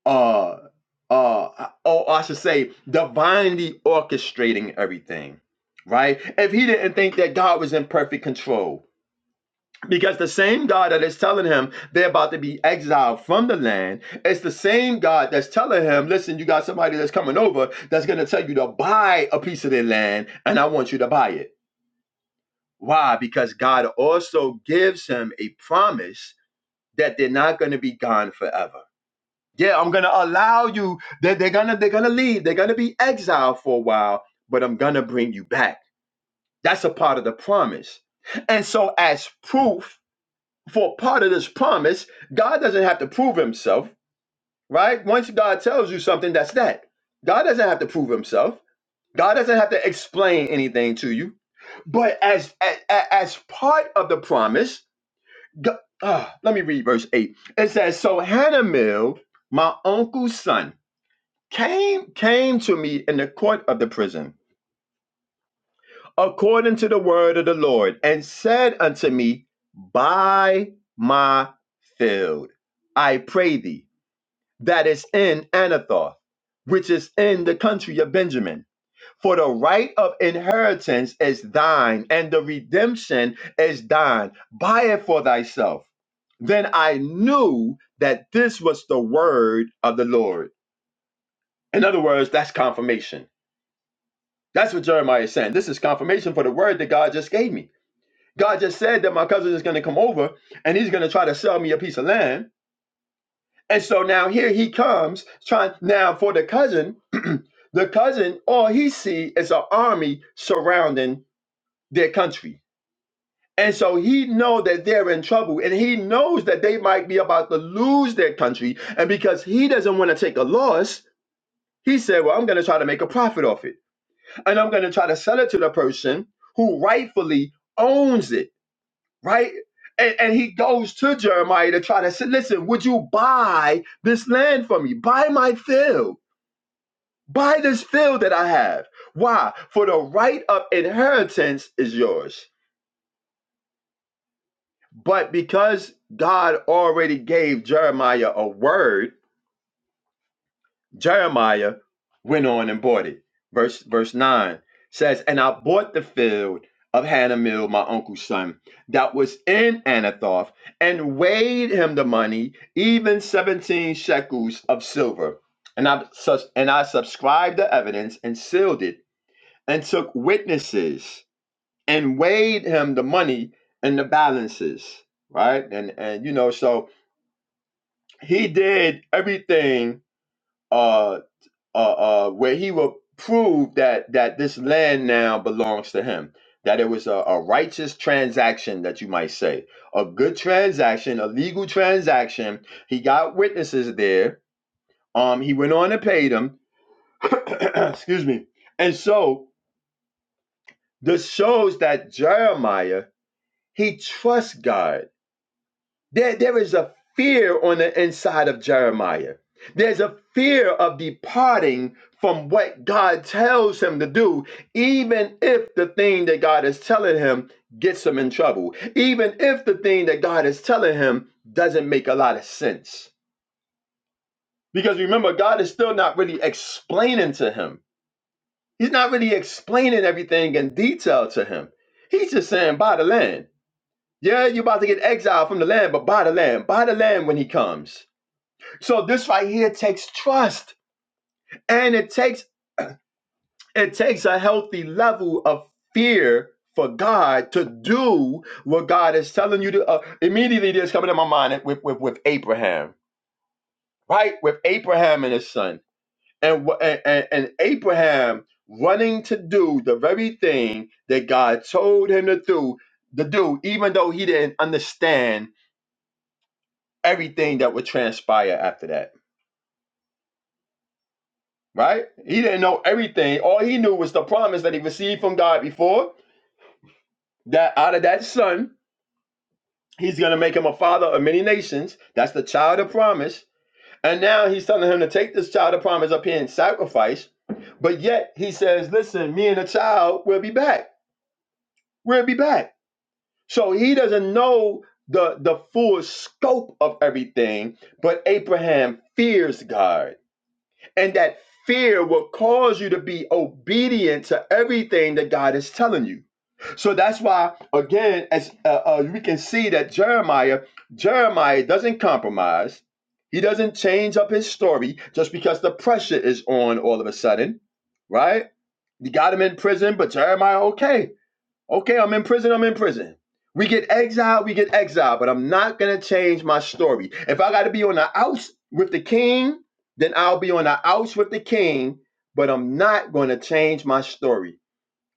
Speaker 3: uh uh oh I should say divinely orchestrating everything, right? If he didn't think that God was in perfect control. Because the same God that is telling him they're about to be exiled from the land, it's the same God that's telling him, listen, you got somebody that's coming over that's going to tell you to buy a piece of their land, and I want you to buy it. Why? Because God also gives him a promise that they're not going to be gone forever Yeah, I'm gonna allow you. They're, they're gonna they're gonna leave. They're gonna be exiled for a while, but I'm gonna bring you back. That's a part of the promise. And so, as proof for part of this promise, God doesn't have to prove Himself, right? Once God tells you something, that's that. God doesn't have to prove Himself. God doesn't have to explain anything to you. But as as, as part of the promise, Go- ah, let me read verse eight. It says, "So Hanamel, my uncle's son." came came to me in the court of the prison according to the word of the lord and said unto me buy my field i pray thee that is in anathoth which is in the country of benjamin for the right of inheritance is thine and the redemption is thine buy it for thyself then i knew that this was the word of the lord in other words that's confirmation That's what Jeremiah is saying. This is confirmation for the word that God just gave me. God just said that my cousin is going to come over and he's going to try to sell me a piece of land. And so now here he comes trying now for the cousin, [clears throat] the cousin, all he see is an army surrounding their country. And so he know that they're in trouble and he knows that they might be about to lose their country. And because he doesn't want to take a loss, he said, well, I'm going to try to make a profit off it. and I'm going to try to sell it to the person who rightfully owns it, right? And, and he goes to Jeremiah to try to say, listen, would you buy this land for me? Buy my field. Buy this field that I have. Why? For the right of inheritance is yours. But because God already gave Jeremiah a word, Jeremiah went on and bought it. Verse verse 9 says, And I bought the field of Hanamel, my uncle's son, that was in Anathoth, and weighed him the money, even 17 shekels of silver. And I sus- and I subscribed the evidence and sealed it, and took witnesses, and weighed him the money and the balances. Right? And and you know, so he did everything uh uh, uh, where he will prove that that this land now belongs to him. That it was a, a righteous transaction, that you might say, a good transaction, a legal transaction. He got witnesses there. Um, he went on and paid them. [coughs] [clears throat] Excuse me. And so this shows that Jeremiah he trusts God There, there is a fear on the inside of Jeremiah. There's a fear of departing from what God tells him to do, even if the thing that God is telling him gets him in trouble, even if the thing that God is telling him doesn't make a lot of sense. Because remember, God is still not really explaining to him. He's not really explaining everything in detail to him. He's just saying, buy the land. Yeah, you're about to get exiled from the land, but buy the land. Buy the land when he comes So this right here takes trust and it takes it takes a healthy level of fear for God to do what God is telling you to uh, immediately this coming to my mind with, with with Abraham, right? With Abraham and his son. And, wha- and and and Abraham running to do the very thing that God told him to do, to do even though he didn't understand everything that would transpire after that right? He didn't know everything. All he knew was the promise that he received from God before that out of that son, he's going to make him a father of many nations. That's the child of promise. And now he's telling him to take this child of promise up here and sacrifice. But yet he says, listen, me and the child will be back. We'll be back. So he doesn't know the, the full scope of everything, but Abraham fears God And that fear will cause you to be obedient to everything that God is telling you. So that's why, again, as uh, uh, we can see that Jeremiah, Jeremiah doesn't compromise. He doesn't change up his story just because the pressure is on all of a sudden, right? You got him in prison, but Jeremiah, okay. Okay, I'm in prison, I'm in prison. We get exiled, we get exiled, but I'm not gonna change my story. If I gotta be on the outs with the king, then I'll be on the outs with the king, but I'm not gonna change my story.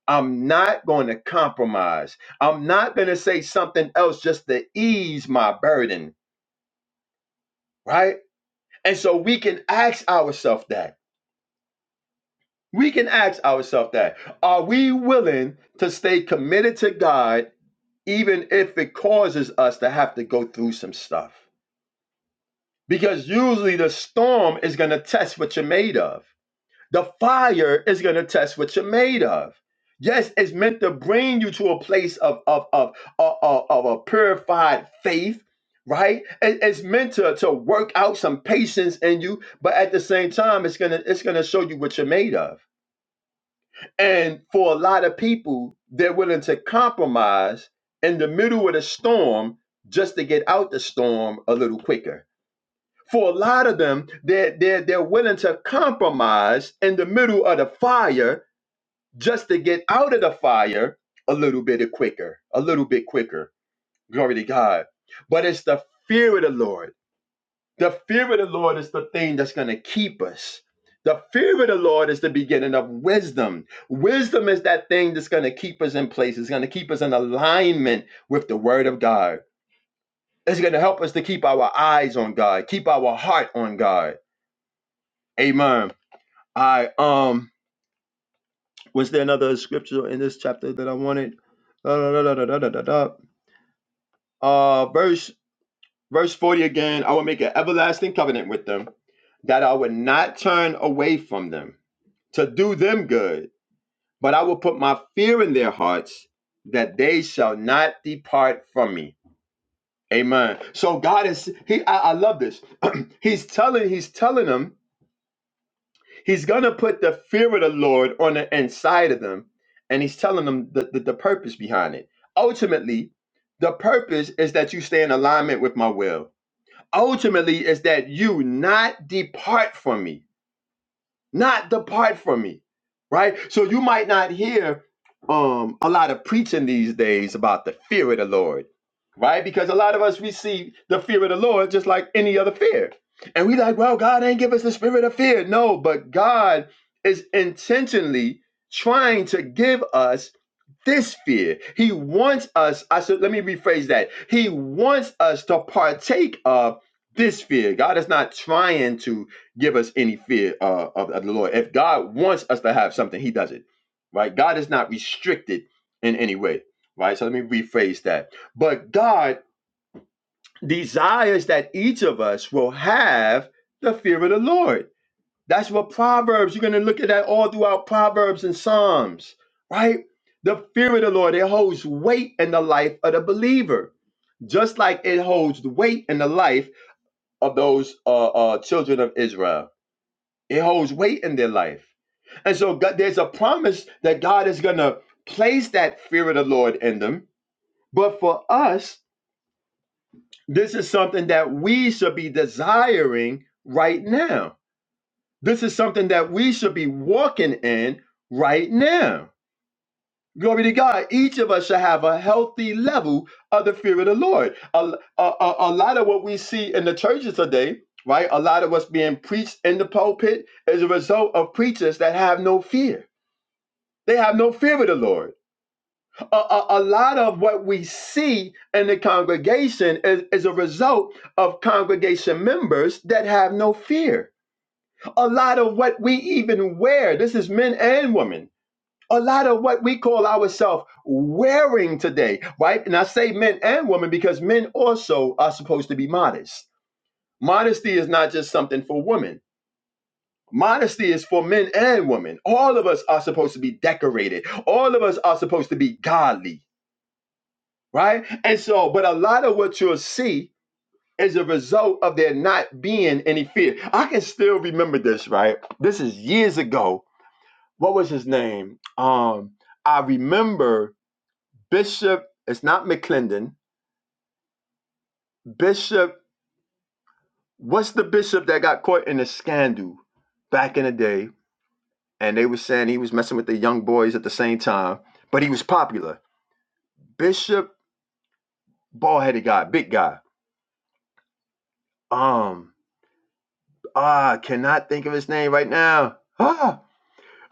Speaker 3: I'm not gonna compromise. I'm not gonna say something else just to ease my burden, right? And so we can ask ourselves that. We can ask ourselves that. Are we willing to stay committed to God even if it causes us to have to go through some stuff. Because usually the storm is going to test what you're made of, the fire is going to test what you're made of. Yes, it's meant to bring you to a place of, of, of, of, of- of a purified faith. Right, It- it's meant to, to work out some patience in you, but at the same time, it's gonna it's gonna show you what you're made of and for a lot of people, they're willing to compromise in the middle of the storm just to get out the storm a little quicker. For a lot of them, they're, they're, they're willing to compromise in the middle of the fire just to get out of the fire a little bit quicker, a little bit quicker. Glory to God. But it's the fear of the Lord the fear of the Lord is the thing that's going to keep us. The fear of the Lord is the beginning of wisdom. Wisdom is that thing that's going to keep us in place. It's going to keep us in alignment with the Word of God. It's going to help us to keep our eyes on God, keep our heart on God. Amen. I um was there another scripture in this chapter that I wanted? Da, da, da, da, da, da, da, da. Uh, verse verse forty again. I will make an everlasting covenant with them, that I would not turn away from them to do them good. But I will put my fear in their hearts that they shall not depart from me. Amen. So God is He I, I love this. [clears throat] he's telling, He's telling them, He's gonna put the fear of the Lord on the inside of them, and He's telling them the, the, the purpose behind it. Ultimately, the purpose is that you stay in alignment with my will. Ultimately, is that you not depart from me not depart from me right so you might not hear um a lot of preaching these days about the fear of the lord right because a lot of us we see the fear of the lord just like any other fear and we like well god ain't give us the spirit of fear no but god is intentionally trying to give us this fear. He wants us, I said, let me rephrase that. He wants us to partake of this fear. God is not trying to give us any fear uh, of, of the Lord. If God wants us to have something, He does it, right? God is not restricted in any way, right? So let me rephrase that. But God desires that each of us will have the fear of the Lord that's what Proverbs, you're going to look at that all throughout Proverbs and Psalms, right? The fear of the Lord, it holds weight in the life of the believer, just like it holds the weight in the life of those uh, uh, children of Israel. It holds weight in their life. And so God, there's a promise that God is going to place that fear of the Lord in them. But for us, this is something that we should be desiring right now This is something that we should be walking in right now. Glory to God. Each of us should have a healthy level of the fear of the Lord. A, a, a, a lot of what we see in the churches today, right? A lot of what's being preached in the pulpit is a result of preachers that have no fear. They have no fear of the Lord. A, a, a lot of what we see in the congregation is, is a result of congregation members that have no fear a lot of what we even wear, this is men and women, a lot of what we call ourselves wearing today, right? And I say men and women because men also are supposed to be modest. Modesty is not just something for women. Modesty is for men and women. All of us are supposed to be decorated. All of us are supposed to be godly, right? And so, but a lot of what you'll see is a result of there not being any fear. I can still remember this, right? This is years ago what was his name? Um, I remember Bishop. It's not McClendon. Bishop. What's the bishop that got caught in a scandal back in the day? And they were saying he was messing with the young boys at the same time, but he was popular. Bishop, bald headed guy, big guy. Um, ah, I cannot think of his name right now. Ah,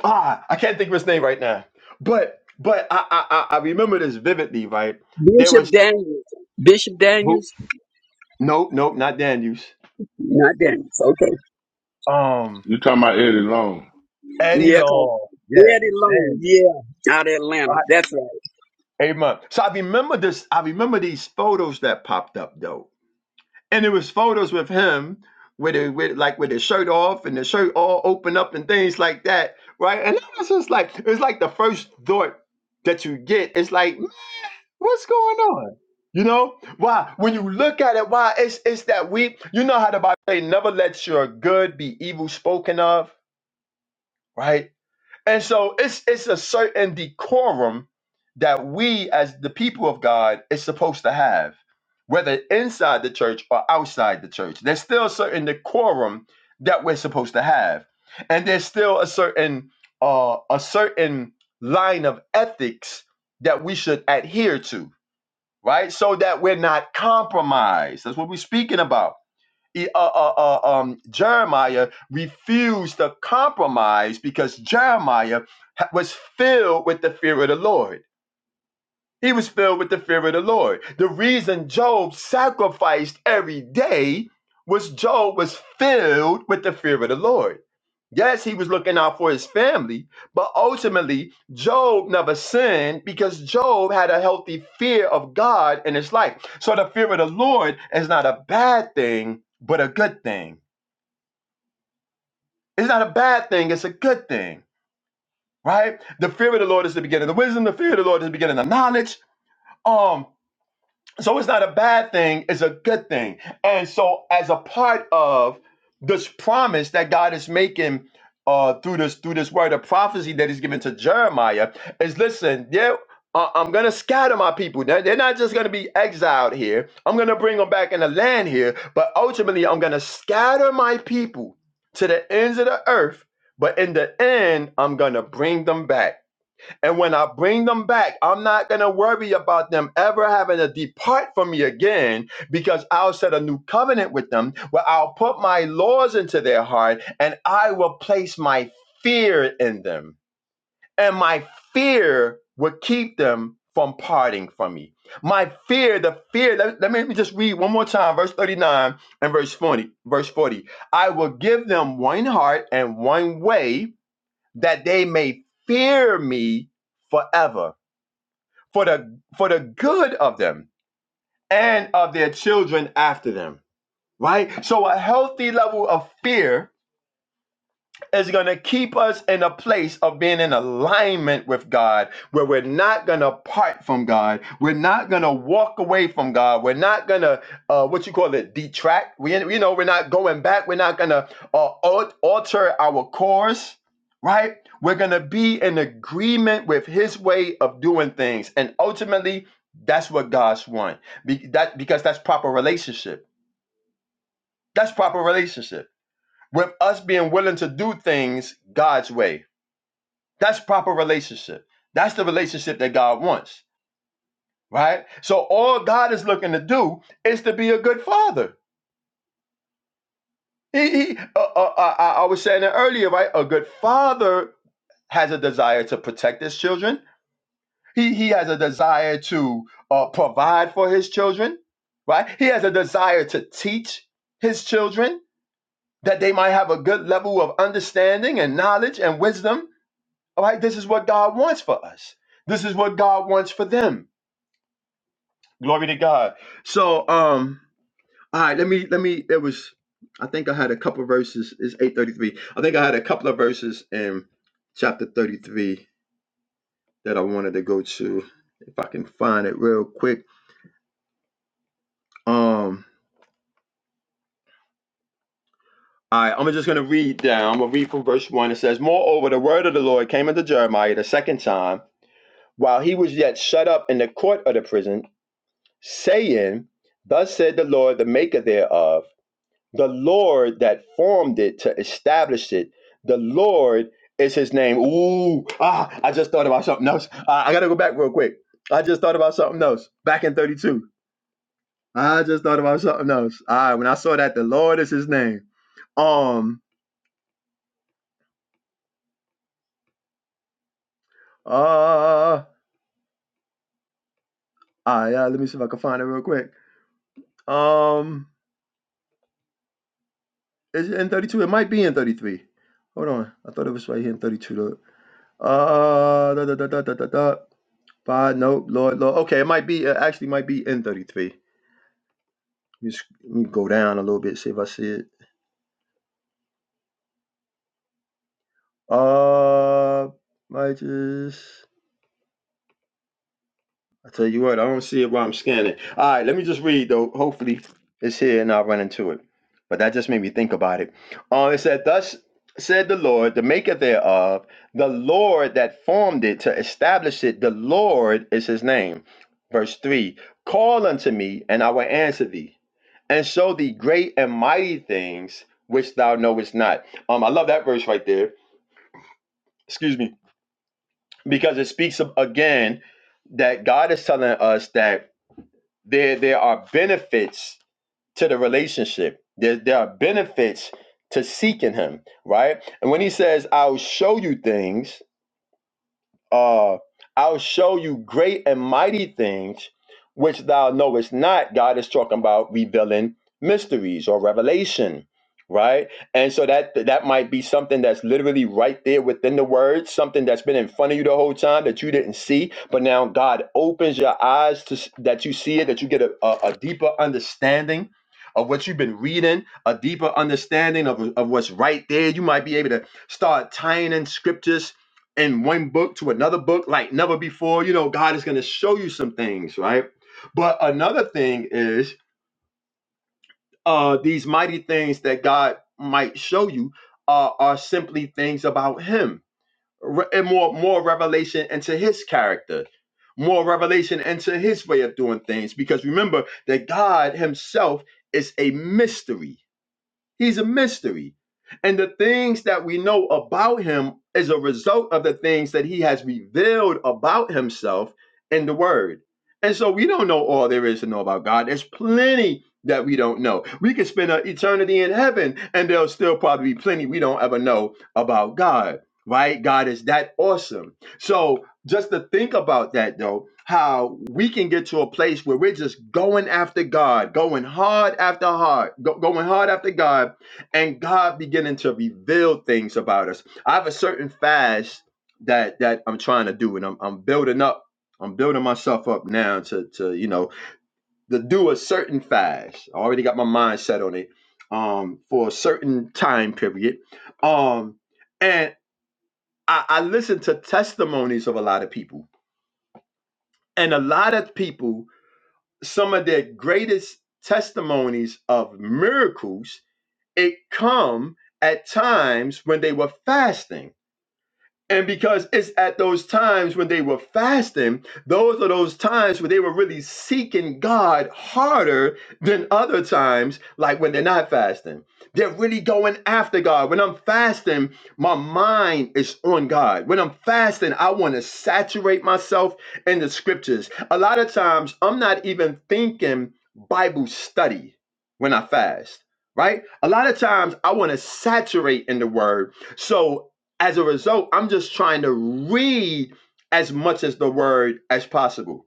Speaker 3: ah, I can't think of his name right now. But, but I, I, I I remember this vividly. Right, there was
Speaker 4: Bishop
Speaker 3: some
Speaker 4: Daniels. Bishop
Speaker 3: who.
Speaker 4: Daniels?
Speaker 3: Nope, nope, not Daniels
Speaker 4: Not Daniels. Okay.
Speaker 3: Um,
Speaker 5: You talking about Eddie Long?
Speaker 3: Eddie
Speaker 4: Yeah, 'cause
Speaker 3: Long.
Speaker 4: Eddie
Speaker 3: Yeah,
Speaker 4: Long.
Speaker 3: damn.
Speaker 4: Yeah, out of Atlanta.
Speaker 3: I,
Speaker 4: That's right.
Speaker 3: eight months. So I remember this. I remember these photos that popped up though, and it was photos with him with it with like with his shirt off and the shirt all open up and things like that, right? And I was just like, it's like the first thought that you get. It's like, "Mm, what's going on? You know why? When you look at it, why it's it's that we. You know how the Bible say, never let your good be evil spoken of, right? And so it's it's a certain decorum that we as the people of God is supposed to have, whether inside the church or outside the church. There's still a certain decorum that we're supposed to have. And there's still a certain uh a certain line of ethics that we should adhere to, right? So that we're not compromised. That's what we're speaking about E- uh, uh, uh, um, Jeremiah refused to compromise because Jeremiah was filled with the fear of the Lord. He was filled with the fear of the Lord. The reason Job sacrificed every day was Job was filled with the fear of the Lord. Yes, he was looking out for his family, but ultimately, Job never sinned because Job had a healthy fear of God in his life. So the fear of the Lord is not a bad thing, but a good thing. It's not a bad thing, it's a good thing, right? The fear of the Lord is the beginning of wisdom, the fear of the Lord is the beginning of knowledge. um. So it's not a bad thing, it's a good thing. And so, as a part of this promise that God is making uh, through this through this word of prophecy that He's given to Jeremiah, is listen, yeah. uh, I'm gonna scatter my people. They're they're not just gonna be exiled here. I'm gonna bring them back in the land here, but ultimately, I'm gonna scatter my people to the ends of the earth. But in the end, I'm gonna bring them back. And when I bring them back, I'm not going to worry about them ever having to depart from me again because I'll set a new covenant with them where I'll put my laws into their heart and I will place my fear in them. And my fear will keep them from parting from me. My fear, the fear, let, let me me just read one more time, verse 39 and verse 40. Verse 40. I will give them one heart and one way that they may fear me forever for the for the good of them and of their children after them right so a healthy level of fear is going to keep us in a place of being in alignment with God, where we're not going to part from God. We're not going to walk away from God. We're not going to, uh, what you call it, detract. We, you know, we're not going back. We're not going to uh, al- alter our course, right? We're going to be in agreement with His way of doing things. And ultimately, that's what God's want. Be- that, because that's proper relationship. That's proper relationship. With us being willing to do things God's way that's proper relationship. That's the relationship that God wants, right? So all God is looking to do is to be a good father. He, he uh, uh, I, I I was saying it earlier, right? A good father has a desire to protect his children. He he has a desire to uh, provide for his children, right? He has a desire to teach his children that they might have a good level of understanding and knowledge and wisdom. All right, this is what God wants for us. This is what God wants for them Glory to God. So, um, all right, let me let me. There was, I think I had a couple of verses. It's eight thirty three. I think I had a couple of verses in chapter thirty three that I wanted to go to. If I can find it real quick. Um, all right, I'm just gonna read down. I'm gonna read from verse one. It says, "Moreover, the word of the Lord came unto Jeremiah the second time, while he was yet shut up in the court of the prison, saying." Thus said the Lord, the Maker thereof The Lord that formed it to establish it, the Lord is his name. Ooh, ah, I just thought about something else. Uh, I got to go back real quick. I just thought about something else back in 32. I just thought about something else. All right, when I saw that, the Lord is his name. Um, uh, all right, uh, let me see if I can find it real quick. Um, is it in 32? It might be in 33. Hold on. I thought it was right here in 32. though. Uh, da, da, da, da, da, da, da. Five, no, Lord, Lord. Okay, it might be, uh, actually might be N33. Let me, sc- let me go down a little bit, see if I see it. Uh, might just, I tell you what, I don't see it while I'm scanning. All right, let me just read though. Hopefully it's here and I'll run into it. But that just made me think about it. Uh, it said, Thus said the Lord, the maker thereof, the Lord that formed it to establish it, the Lord is his name. Verse 3 Call unto me, and I will answer thee and show thee great and mighty things which thou knowest not. Um, I love that verse right there. Excuse me, because it speaks of, again that God is telling us that there there are benefits to the relationship. There there are benefits to seeking Him, right? And when He says, "I'll show you things," uh, I'll show you great and mighty things which thou knowest not. God is talking about revealing mysteries or revelation, right? And so that that might be something that's literally right there within the words, something that's been in front of you the whole time that you didn't see, but now God opens your eyes to s- that you see it, that you get a, a, a deeper understanding. Of what you've been reading, a deeper understanding of, of what's right there. You might be able to start tying in scriptures in one book to another book like never before. You know, God is going to show you some things, right? But another thing is uh, these mighty things that God might show you uh, are simply things about Him, Re- and more more revelation into His character. More revelation into his way of doing things because remember that God Himself is a mystery He's a mystery. And the things that we know about him is a result of the things that he has revealed about himself in the word. And so we don't know all there is to know about God. There's plenty that we don't know. We could spend an eternity in heaven and there'll still probably be plenty we don't ever know about God, right? God is that awesome. So just to think about that though how we can get to a place where we're just going after god going hard after hard go- going hard after god and god beginning to reveal things about us i have a certain fast that that i'm trying to do and i'm, I'm building up i'm building myself up now to to you know to do a certain fast i already got my mind set on it um for a certain time period um and i i listen to testimonies of a lot of people and a lot of people, some of their greatest testimonies of miracles, it come at times when they were fasting and because it's at those times when they were fasting, those are those times where they were really seeking God harder than other times, like when they're not fasting. They're really going after God. When I'm fasting, my mind is on God. When I'm fasting, I want to saturate myself in the scriptures. A lot of times, I'm not even thinking Bible study when I fast, right? A lot of times, I want to saturate in the word. So as a result, I'm just trying to read as much as the word as possible.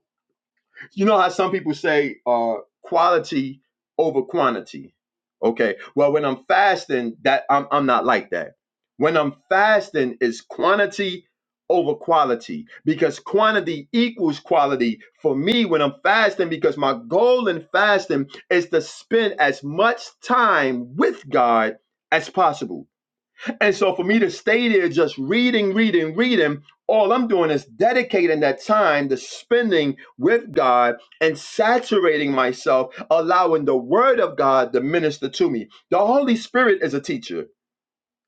Speaker 3: You know how some people say uh, quality over quantity. Okay. Well, when I'm fasting, that I'm I'm not like that. When I'm fasting, it's quantity over quality because quantity equals quality for me when I'm fasting because my goal in fasting is to spend as much time with God as possible and so for me to stay there just reading, reading, reading, all I'm doing is dedicating that time to spending with God and saturating myself, allowing the word of God to minister to me. The Holy Spirit is a teacher.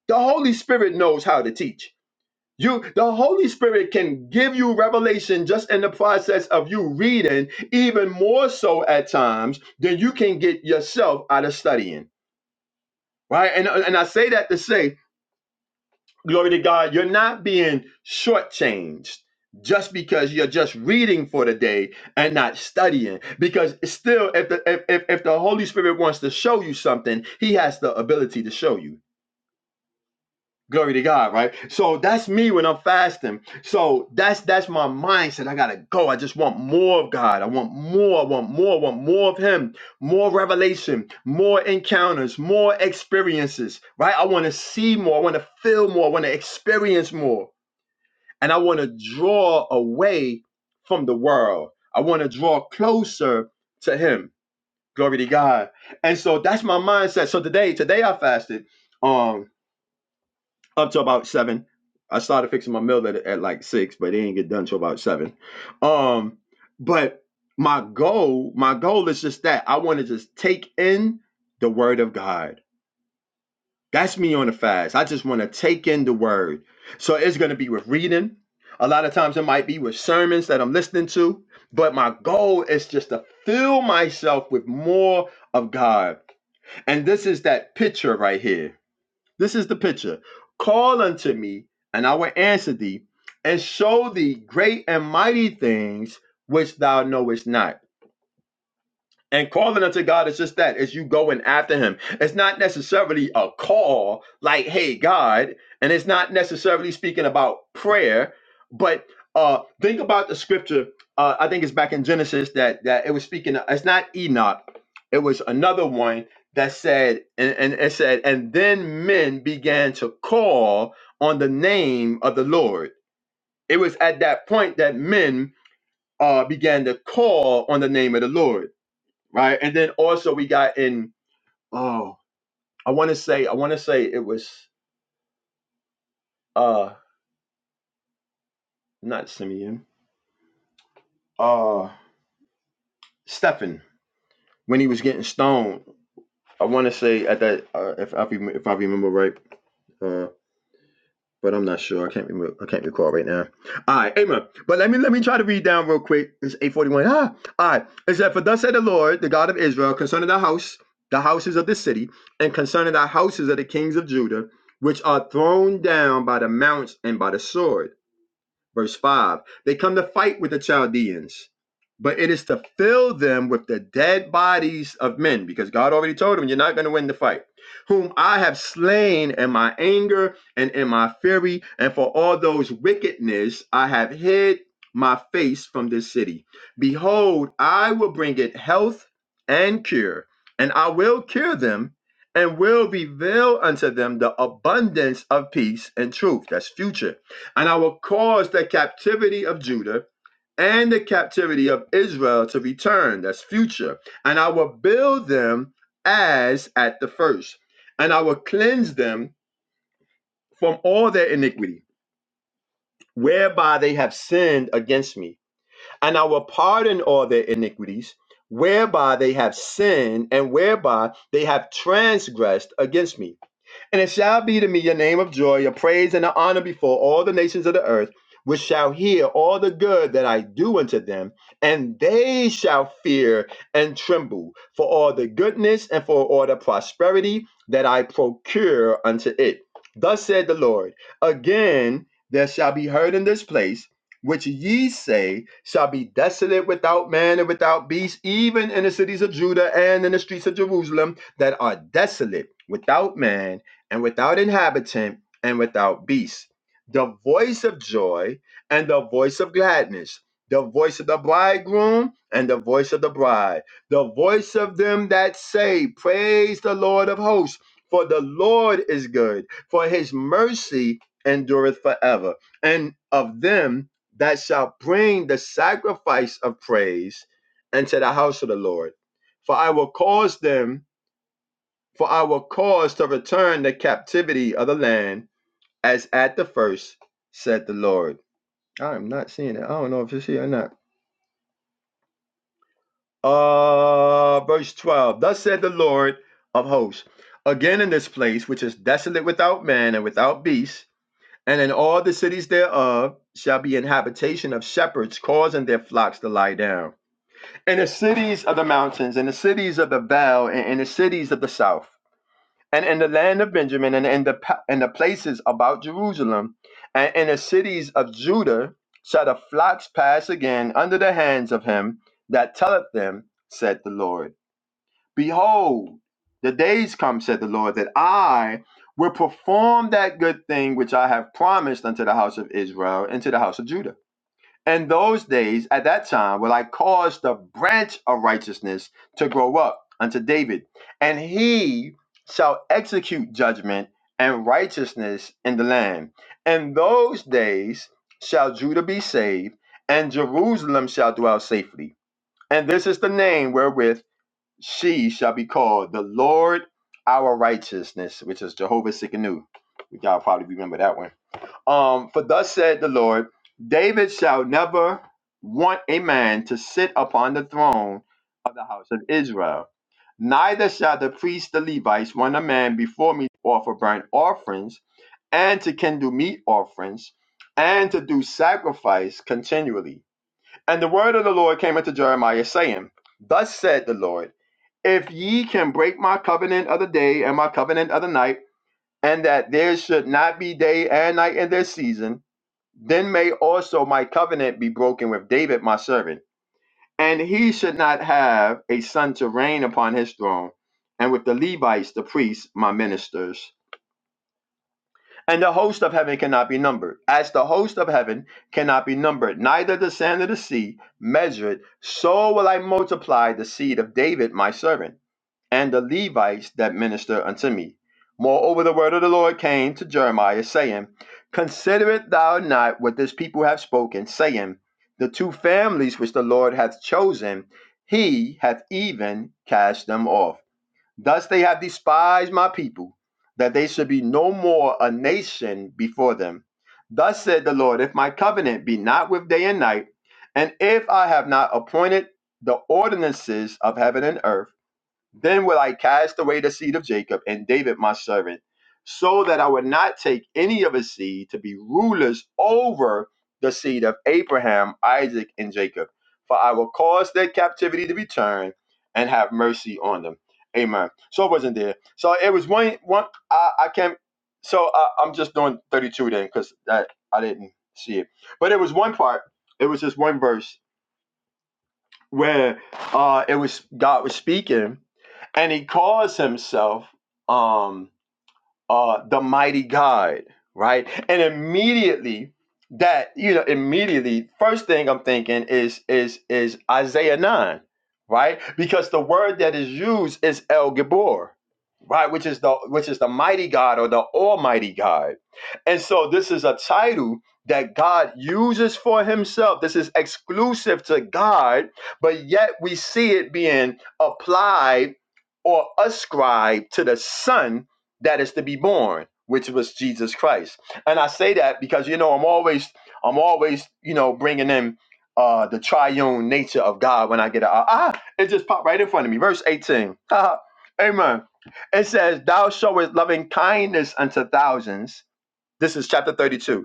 Speaker 3: The Holy Spirit knows how to teach. You the Holy Spirit can give you revelation just in the process of you reading, even more so at times than you can get yourself out of studying. Right? And, and I say that to say Glory to God. You're not being shortchanged just because you're just reading for the day and not studying. Because still, if the if, if, if the Holy Spirit wants to show you something, he has the ability to show you. Glory to God, right? So that's me when I'm fasting. So that's that's my mindset. I gotta go. I just want more of God. I want more. I want more. I want more of Him. More revelation. More encounters. More experiences. Right? I want to see more. I want to feel more. I want to experience more. And I want to draw away from the world. I want to draw closer to him. Glory to God. And so that's my mindset. So today, today I fasted um up to about seven. I started fixing my meal at, at like six, but it didn't get done till about seven. Um, but my goal, my goal is just that I want to just take in the word of God. That's me on a fast. I just want to take in the word. So it's going to be with reading. A lot of times it might be with sermons that I'm listening to, but my goal is just to fill myself with more of God. And this is that picture right here. This is the picture. Call unto me, and I will answer thee, and show thee great and mighty things which thou knowest not and calling unto God is just that, as you going after him. It's not necessarily a call like, hey, God, and it's not necessarily speaking about prayer, but uh think about the scripture. Uh I think it's back in Genesis that that it was speaking, it's not Enoch, it was another one that said, and, and it said, and then men began to call on the name of the Lord. It was at that point that men uh began to call on the name of the Lord right? And then also we got in oh, I want to say I want to say it was uh not Simeon, uh Stephen, when he was getting stoned. I want to say at that uh, if I if I remember right, uh but I'm not sure. I can't remember. I can't recall right now. All right, amen. But let me let me try to read down real quick. It's 841. Ah, all right. It said, For thus said the Lord, the God of Israel, concerning the house, the houses of the city, and concerning the houses of the kings of Judah, which are thrown down by the mounts and by the sword. Verse 5 They come to fight with the Chaldeans, but it is to fill them with the dead bodies of men, because God already told them, You're not going to win the fight, whom I have slain in my anger and in my fury, and for all those wickedness I have hid my face from this city. Behold, I will bring it health and cure, and I will cure them. And will reveal unto them the abundance of peace and truth. That's future and I will cause the captivity of Judah and the captivity of Israel to return. That's future. And I will build them as at the first. And I will cleanse them from all their iniquity, whereby they have sinned against me. And I will pardon all their iniquities, whereby they have sinned and whereby they have transgressed against me and it shall be to me your name of joy, your praise and the honor before all the nations of the earth, which shall hear all the good that I do unto them, and they shall fear and tremble for all the goodness and for all the prosperity that I procure unto it. Thus said the Lord, again there shall be heard in this place, which ye say shall be desolate without man and without beast, even in the cities of Judah and in the streets of Jerusalem that are desolate without man and without inhabitant and without beast. The voice of joy and the voice of gladness, the voice of the bridegroom and the voice of the bride, the voice of them that say, Praise the Lord of hosts, for the Lord is good, for his mercy endureth forever. And of them that shall bring the sacrifice of praise unto the house of the Lord. For I will cause them for our cause to return the captivity of the land as at the first, said the Lord. I am not seeing it. I don't know if it's here or not. Uh, verse 12. Thus said the Lord of hosts, again in this place which is desolate without man and without beast, and in all the cities thereof shall be an habitation of shepherds causing their flocks to lie down. In the cities of the mountains, in the cities of the vale, and in the cities of the south. and in the land of Benjamin, and in the pa- in the places about Jerusalem, and in the cities of Judah, shall the flocks pass again under the hands of him that telleth them, said the Lord. Behold, the days come, said the Lord, that I will perform that good thing which I have promised unto the house of Israel and to the house of Judah in those days at that time will I cause the branch of righteousness to grow up unto David, and he shall execute judgment and righteousness in the land. In those days shall Judah be saved, and Jerusalem shall dwell safely. And this is the name wherewith she shall be called the Lord our righteousness, which is Jehovah Sikkenu. Y'all probably remember that one. Um, for thus said the Lord, David shall never want a man to sit upon the throne of the house of Israel. Neither shall the priests, the Levites, want a man before me to offer burnt offerings, and to kindle meat offerings, and to do sacrifice continually. And the word of the Lord came unto Jeremiah, saying, Thus said the Lord, If ye can break my covenant of the day and my covenant of the night, and that there should not be day and night in their season, then may also my covenant be broken with David, my servant, and he should not have a son to reign upon his throne, and with the Levites, the priests, my ministers. And the host of heaven cannot be numbered, as the host of heaven cannot be numbered, neither the sand of the sea measured, so will I multiply the seed of David, my servant and the Levites that minister unto me. Moreover, the word of the Lord came to Jeremiah, saying, Consider it thou not what this people have spoken, saying, The two families which the Lord hath chosen, he hath even cast them off. Thus they have despised my people, that they should be no more a nation before them. Thus said the Lord, If my covenant be not with day and night, and if I have not appointed the ordinances of heaven and earth, then will I cast away the seed of Jacob and David my servant, so that I would not take any of his seed to be rulers over the seed of Abraham, Isaac, and Jacob. For I will cause their captivity to return and have mercy on them. Amen. So it wasn't there. So it was one one I, I can't so I, I'm just doing 32 then because that I didn't see it. But it was one part. It was just one verse where uh, it was God was speaking, and he calls himself um, uh, the mighty God, right? And immediately that, you know, immediately, first thing I'm thinking is is is Isaiah 9, right? Because the word that is used is El Gibor, right? Which is the which is the mighty God or the Almighty God. And so this is a title that God uses for himself. This is exclusive to God, but yet we see it being applied or ascribed to the Son that is to be born which was jesus christ and i say that because you know i'm always i'm always you know bringing in uh the triune nature of god when i get a ah ah, it just popped right in front of me verse 18 [laughs] Ah, amen it says thou showest loving kindness unto thousands this is chapter 32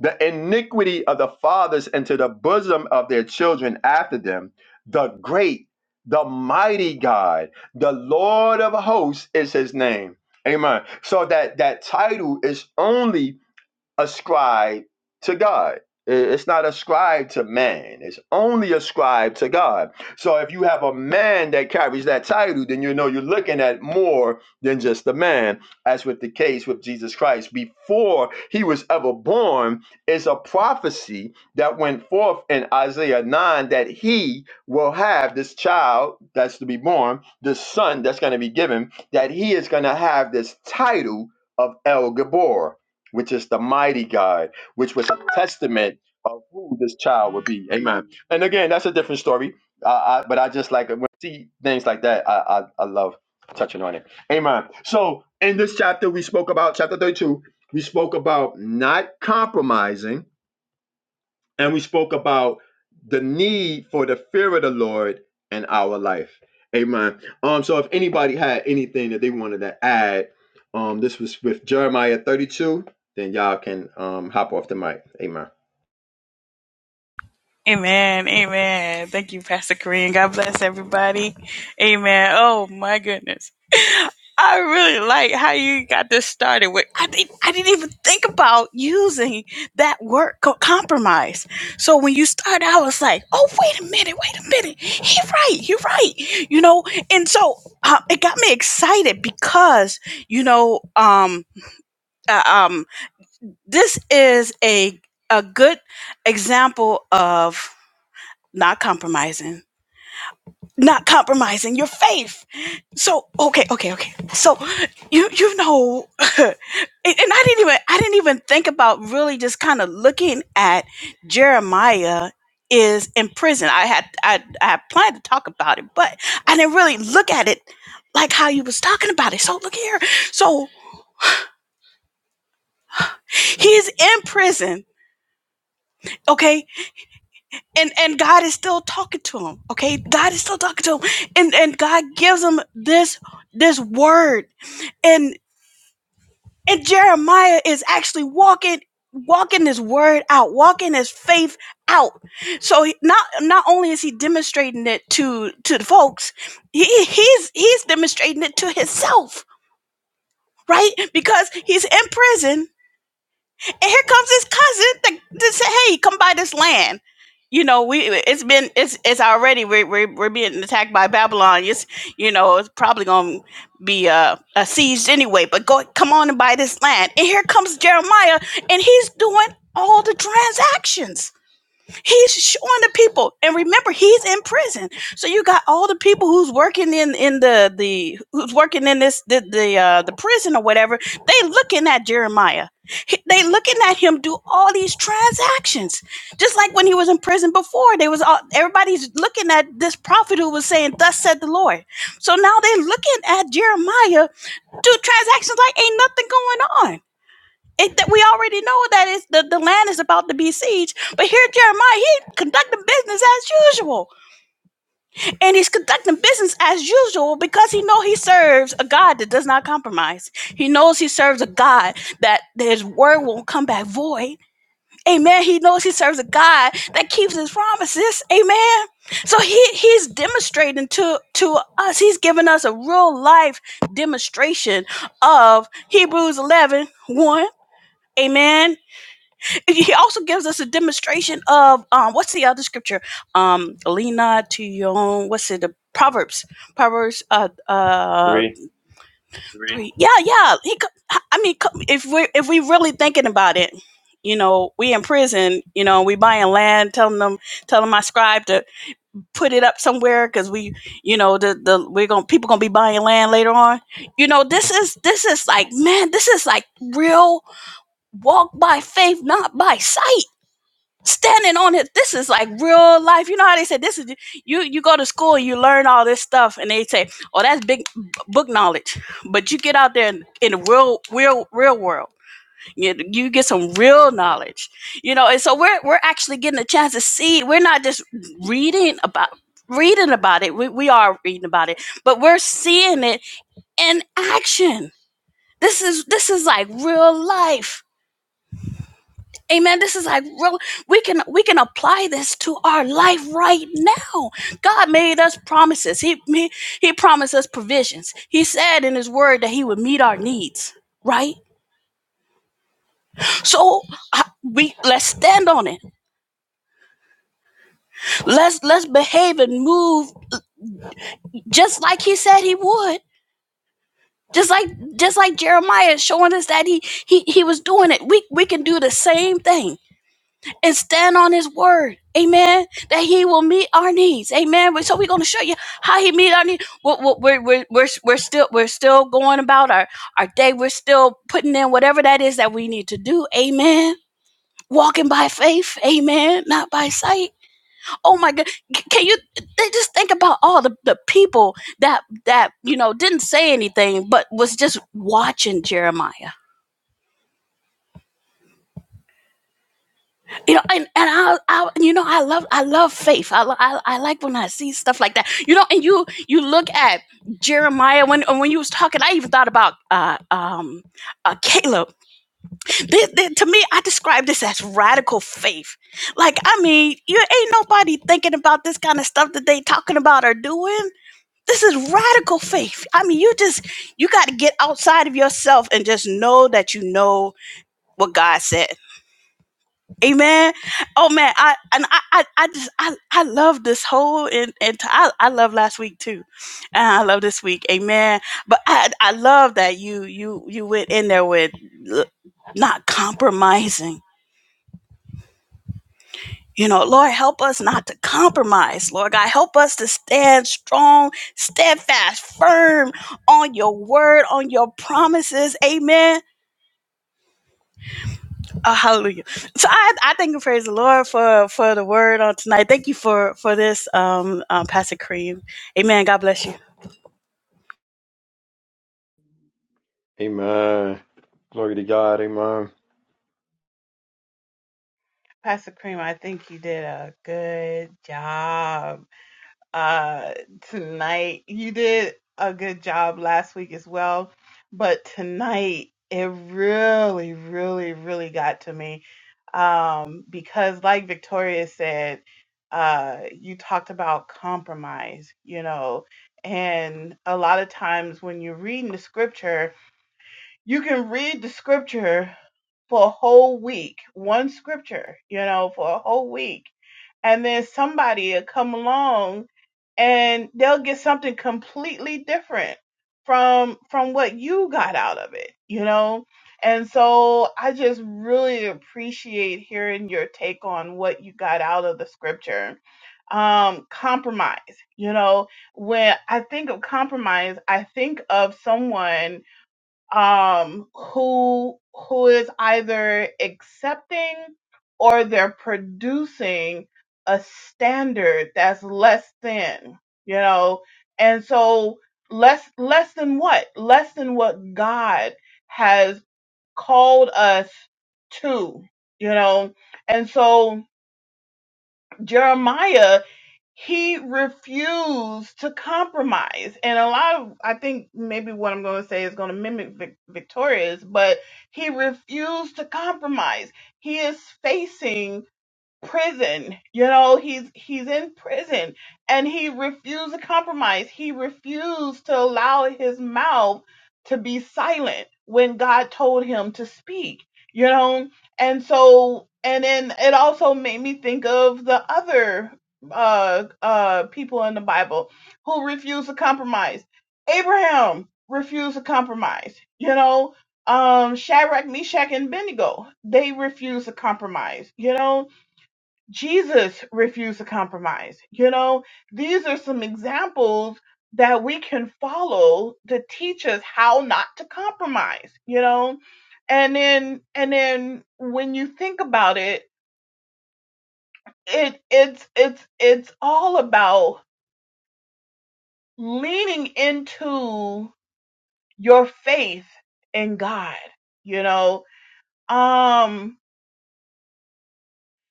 Speaker 3: the iniquity of the fathers into the bosom of their children after them. The great, the mighty God, the Lord of hosts is his name. Amen. So that that title is only ascribed to God. It's not ascribed to man. It's only ascribed to God. So if you have a man that carries that title, then you know you're looking at more than just a man. As with the case with Jesus Christ, before he was ever born, it's a prophecy that went forth in Isaiah 9 that he will have this child that's to be born, this son that's going to be given, that he is going to have this title of El Gabor which is the mighty God, which was a testament of who this child would be. Amen. And again, that's a different story. I, I, but I just like when I see things like that. I, I I love touching on it. Amen. So in this chapter, we spoke about chapter thirty-two. We spoke about not compromising and we spoke about the need for the fear of the Lord in our life. Amen. Um, so if anybody had anything that they wanted to add, um, this was with Jeremiah 32, then y'all can um hop off the mic. Amen.
Speaker 1: Amen. Amen. Thank you, Pastor Korean. God bless everybody. Amen. Oh my goodness. [laughs] I really like how you got this started with I didn't I didn't even think about using that word co- compromise. So when you started, I was like, oh wait a minute, wait a minute. He right, he right. You know, and so uh, it got me excited because, you know, um uh, um this is a a good example of not compromising not compromising your faith so okay okay okay so you you know [laughs] and and i didn't even i didn't even think about really just kind of looking at jeremiah is in prison i had i i had planned to talk about it but i didn't really look at it like how you was talking about it so look here so he's in prison okay and and God is still talking to him. Okay, God is still talking to him, and and God gives him this this word, and and Jeremiah is actually walking walking this word out, walking his faith out. So he, not not only is he demonstrating it to to the folks, he he's he's demonstrating it to himself, right? Because he's in prison And here comes his cousin to, to say, "Hey, come buy this land." You know, we it's been it's it's already we're we're, we're being attacked by Babylon. It's you know it's probably gonna be uh, uh seized anyway. But go come on and buy this land. And here comes Jeremiah, and he's doing all the transactions He's showing the people, and remember, he's in prison. So you got all the people who's working in in the the who's working in this the the uh, the prison or whatever. They looking at Jeremiah. He- They looking at him do all these transactions, just like when he was in prison before. They was all everybody's looking at this prophet who was saying, "Thus said the Lord." So now they are looking at Jeremiah do transactions like ain't nothing going on. It, that we already know that is the, the land is about to be sieged. But here Jeremiah, he conducting business as usual. And he's conducting business as usual because he know he serves a God that does not compromise. He knows he serves a God that his word won't come back void. Amen. He knows he serves a God that keeps his promises. Amen. So he, he's demonstrating to, to us, he's giving us a real life demonstration of Hebrews eleven one. Amen he also gives us a demonstration of um, what's the other scripture? Um, Lena to your own. What's it? The Proverbs. Proverbs. Uh, uh,
Speaker 3: Three.
Speaker 1: Three. three. Yeah, yeah. He. co- I mean, co- if we if we really thinking about it, you know, we in prison. You know, we buying land, telling them, telling my scribe to put it up somewhere because we, you know, the the we're gonna people gonna be buying land later on. You know, this is this is like man, this is like real walk by faith, not by sight standing on it. This is like real life. You know how they say this is you. You go to school, and you learn all this stuff, and they say, "Oh, that's big b- book knowledge." But you get out there in, in the real, real, real world. You, you get some real knowledge, you know. And so we're we're actually getting a chance to see. We're not just reading about reading about it. We we are reading about it, but we're seeing it in action. This is this is like real life Amen. This is like real, we can we can apply this to our life right now. God made us promises. He he, he promised us provisions. He said in his word that he would meet our needs, right? So I- we let's stand on it. Let's let's behave and move just like he said he would. Just like just like Jeremiah is showing us that he he he was doing it. We we can do the same thing. and stand on his word. Amen. That he will meet our needs. Amen. So we're going to show you how he meet our needs. We're, we're, we're, we're, we're still, we're still going about our, our day. We're still putting in whatever that is that we need to do. Amen. Walking by faith. Amen. Not by sight. Oh my God. Can you they just think about all the, the people that, that, you know, didn't say anything, but was just watching Jeremiah you know and, and I, I you know i love i love faith I, lo- I i like when i see stuff like that you know and you you look at jeremiah when when you was talking i even thought about uh um uh caleb This- this- to me i describe this as radical faith like i mean you ain't nobody thinking about this kind of stuff that they talking about or doing this is radical faith i mean you just you got to get outside of yourself and just know that you know what god said Amen. Oh man, I and I I, I just I, I love this whole and and t- I, I love last week too, and I love this week. Amen. But I I love that you you you went in there with l- not compromising. You know, Lord, help us not to compromise. Lord God, help us to stand strong, steadfast, firm on your word, on your promises. Amen. Oh, hallelujah. So I, I thank and praise the Lord for, for the word on tonight. Thank you for, for this, um, um, Pastor Cream. Amen. God bless you.
Speaker 3: Amen. Glory to God. Amen.
Speaker 6: Pastor Cream, I think you did a good job uh, tonight. You did a good job last week as well, but tonight it really, really, really got to me um, because, like Victoria said, uh, you talked about compromise, you know, and a lot of times when you're reading the scripture, you can read the scripture for a whole week, one scripture, you know, for a whole week and then somebody will come along and they'll get something completely different from from what you got out of it you know and so i just really appreciate hearing your take on what you got out of the scripture um compromise you know when i think of compromise i think of someone um, who who is either accepting or they're producing a standard that's less than you know and so less less than what less than what god has called us to you know and so jeremiah he refused to compromise. And a lot of, I think maybe what I'm going to say is going to mimic Vic- Victoria's, but he refused to compromise. He is facing prison. You know, he's he's in prison and he refused to compromise. He refused to allow his mouth to be silent when God told him to speak, you know? And so and then it also made me think of the other uh uh people in the Bible who refused to compromise. Abraham refused to compromise, you know? Um Shadrach, Meshach, and Abednego, they refused to compromise, you know Jesus refused to compromise. You know, these are some examples that we can follow to teach us how not to compromise, you know? And then and then when you think about it, it it's it's it's all about leaning into your faith in God, you know? Um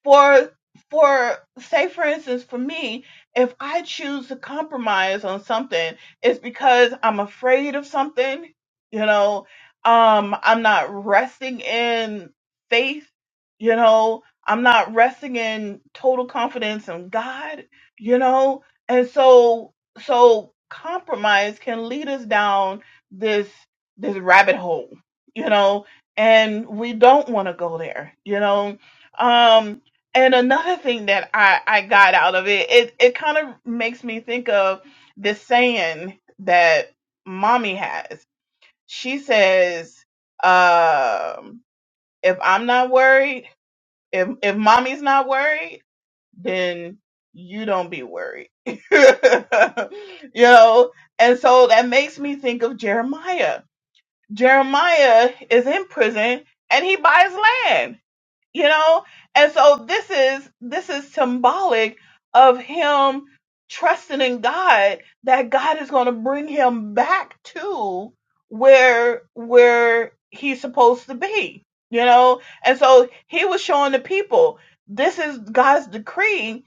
Speaker 6: for for say for instance for me if i choose to compromise on something it's because i'm afraid of something you know um i'm not resting in faith you know i'm not resting in total confidence in god you know and so so compromise can lead us down this this rabbit hole you know and we don't want to go there you know um and another thing that I, I got out of it, it, it kind of makes me think of this saying that mommy has. She says, um, if I'm not worried, if, if mommy's not worried, then you don't be worried. [laughs] you know? And so that makes me think of Jeremiah. Jeremiah is in prison and he buys land you know and so this is this is symbolic of him trusting in god that god is going to bring him back to where where he's supposed to be you know and so he was showing the people this is god's decree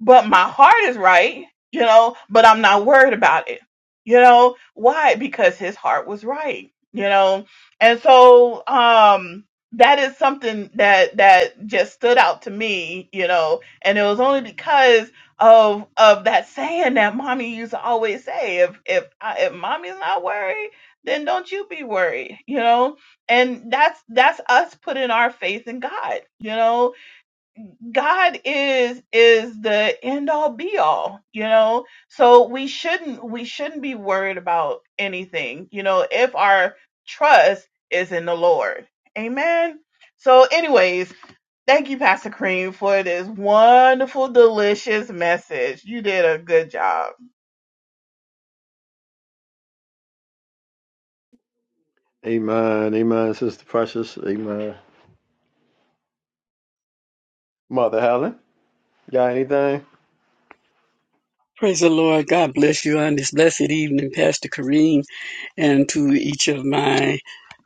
Speaker 6: but my heart is right, you know, but I'm not worried about it. You know, why? Because his heart was right, you know. And so um that is something that that just stood out to me, you know, and it was only because of of that saying that mommy used to always say if if I, if mommy's not worried, then don't you be worried, you know? And that's that's us putting our faith in God, you know God is is the end all be all, you know. So we shouldn't we shouldn't be worried about anything, you know, if our trust is in the Lord. Amen. So anyways, thank you Pastor Cream for this wonderful delicious message. You did a good job.
Speaker 3: Amen. Amen. Sister Precious. Amen. Mother Helen, you got anything?
Speaker 4: Praise the Lord. God bless you on this blessed evening, Pastor Kareem. and to each of my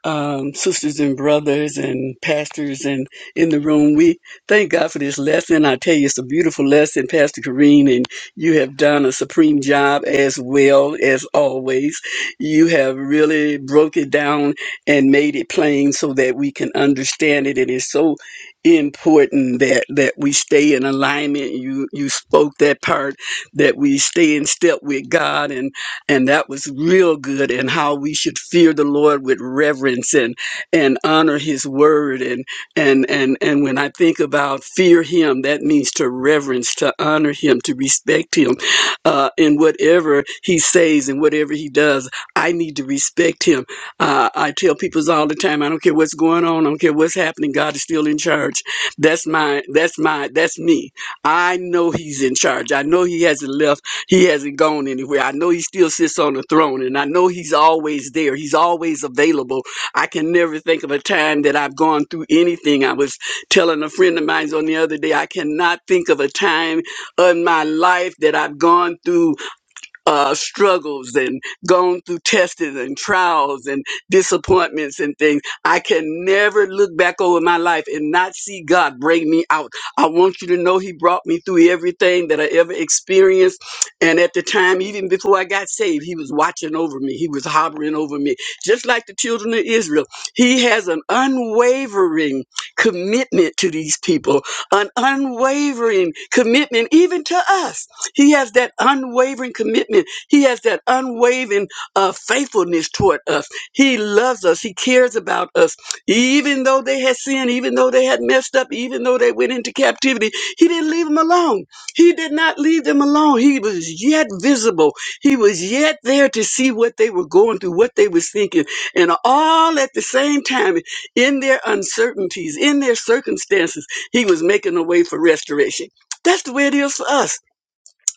Speaker 4: um, sisters and brothers and pastors and in the room. We thank God for this lesson. I tell you, it's a beautiful lesson, Pastor Kareen, and you have done a supreme job as well as always. You have really broke it down and made it plain so that we can understand it. It is so important that that we stay in alignment. You you spoke that part that we stay in step with God and and that was real good and how we should fear the lord with reverence and and honor his word and and and and when i think about fear him that means to reverence to honor him to respect him uh in whatever he says and whatever he does i need to respect him uh, i tell people all the time i don't care what's going on i don't care what's happening god is still in charge that's my that's my that's me i know he's in charge i know he hasn't left he hasn't gone anywhere. I know he still sits on the throne, and I know he's always there. He's always available. I can never think of a time that I've gone through anything. I was telling a friend of mine on the other day, I cannot think of a time in my life that I've gone through uh, struggles and gone through tests and trials and disappointments and things. I can never look back over my life and not see God bring me out. I want you to know He brought me through everything that I ever experienced. And at the time, even before I got saved, He was watching over me, He was hovering over me. Just like the children of Israel, He has an unwavering commitment to these people, an unwavering commitment even to us he has that unwavering commitment. He has that unwavering uh, faithfulness toward us. He loves us. He cares about us. Even though they had sinned, even though they had messed up, even though they went into captivity, He didn't leave them alone. He did not leave them alone. He was yet visible. He was yet there to see what they were going through, what they was thinking. And all at the same time, in their uncertainties, in their circumstances, He was making a way for restoration. That's the way it is for us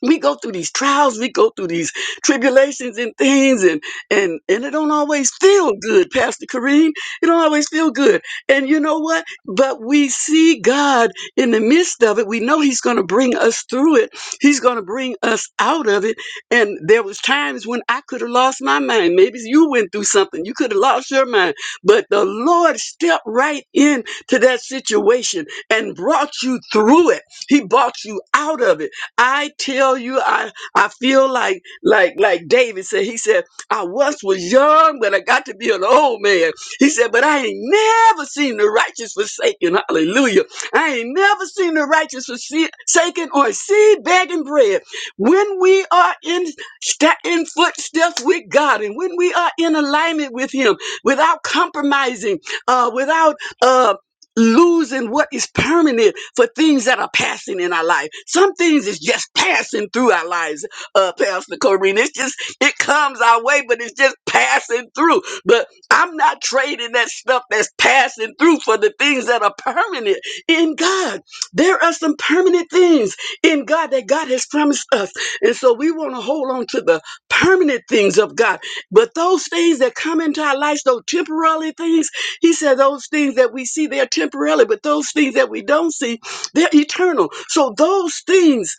Speaker 4: we go through these trials, we go through these tribulations and things, and and and it don't always feel good, Pastor Kareem. It don't always feel good. And you know what? But we see God in the midst of it. We know He's gonna bring us through it. He's gonna bring us out of it. And there was times when I could have lost my mind. Maybe you went through something, you could have lost your mind. But the Lord stepped right in to that situation and brought you through it. He brought you out of it. I tell you, I, I feel like like like David said. He said, I once was young, but I got to be an old man. He said, but I ain't never seen the righteous forsaken. Hallelujah. I ain't never seen the righteous forsaken or seed begging bread. When we are in sta- in footsteps with God, and when we are in alignment with Him, without compromising, uh, without uh, losing what is permanent for things that are passing in our life. Some things is just passing through our lives, uh, Pastor Corrine. It's just, it comes our way, but it's just passing through. But I'm not trading that stuff that's passing through for the things that are permanent in God. There are some permanent things in God that God has promised us. And so we want to hold on to the permanent things of God. But those things that come into our lives, those temporary things, he said those things that we see, they're temporarily, but those things that we don't see, they're eternal. So those things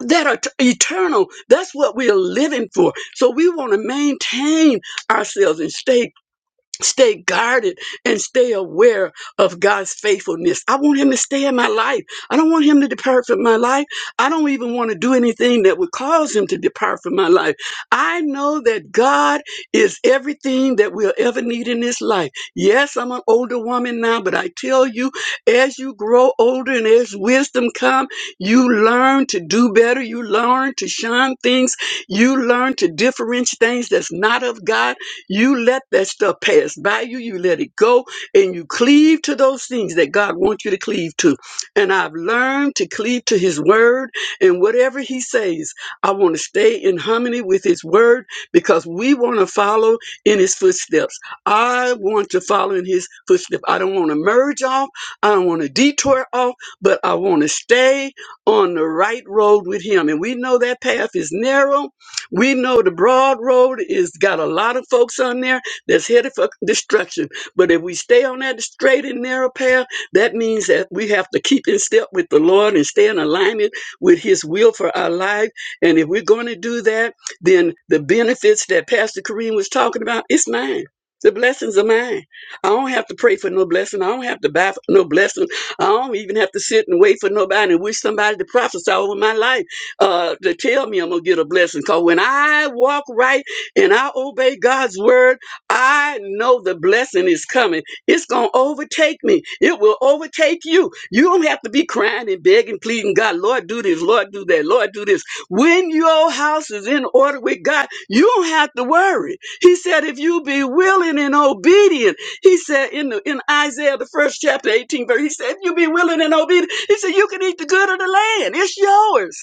Speaker 4: that are t- eternal, that's what we are living for. So we want to maintain ourselves and stay stay guarded and stay aware of God's faithfulness. I want him to stay in my life. I don't want him to depart from my life. I don't even want to do anything that would cause him to depart from my life. I know that God is everything that we'll ever need in this life. Yes, I'm an older woman now, but I tell you, as you grow older and as wisdom comes, you learn to do better. You learn to shun things. You learn to differentiate things that's not of God you let that stuff pass by you. You let it go and you cleave to those things that God wants you to cleave to. And I've learned to cleave to his word and whatever he says, I want to stay in harmony with his word because we want to follow in his footsteps. I want to follow in his footsteps. I don't want to merge off. I don't want to detour off, but I want to stay on the right road with him. And we know that path is narrow we know the broad road is got a lot of folks on there that's headed for destruction. But if we stay on that straight and narrow path, that means that we have to keep in step with the Lord and stay in alignment with His will for our life. And if we're going to do that, then the benefits that Pastor Kareem was talking about, it's mine. The blessings are mine. I don't have to pray for no blessing. I don't have to buy for no blessing. I don't even have to sit and wait for nobody and wish somebody to prophesy over my life uh, to tell me I'm gonna get a blessing. Cause when I walk right and I obey God's word, I know the blessing is coming. It's gonna overtake me. It will overtake you. You don't have to be crying and begging, pleading God, Lord, do this, Lord, do that, Lord, do this. When your house is in order with God, you don't have to worry. He said, if you be willing and obedient, he said in the in Isaiah the first chapter, 18 verse, he said, if you be willing and obedient, he said, you can eat the good of the land. It's yours.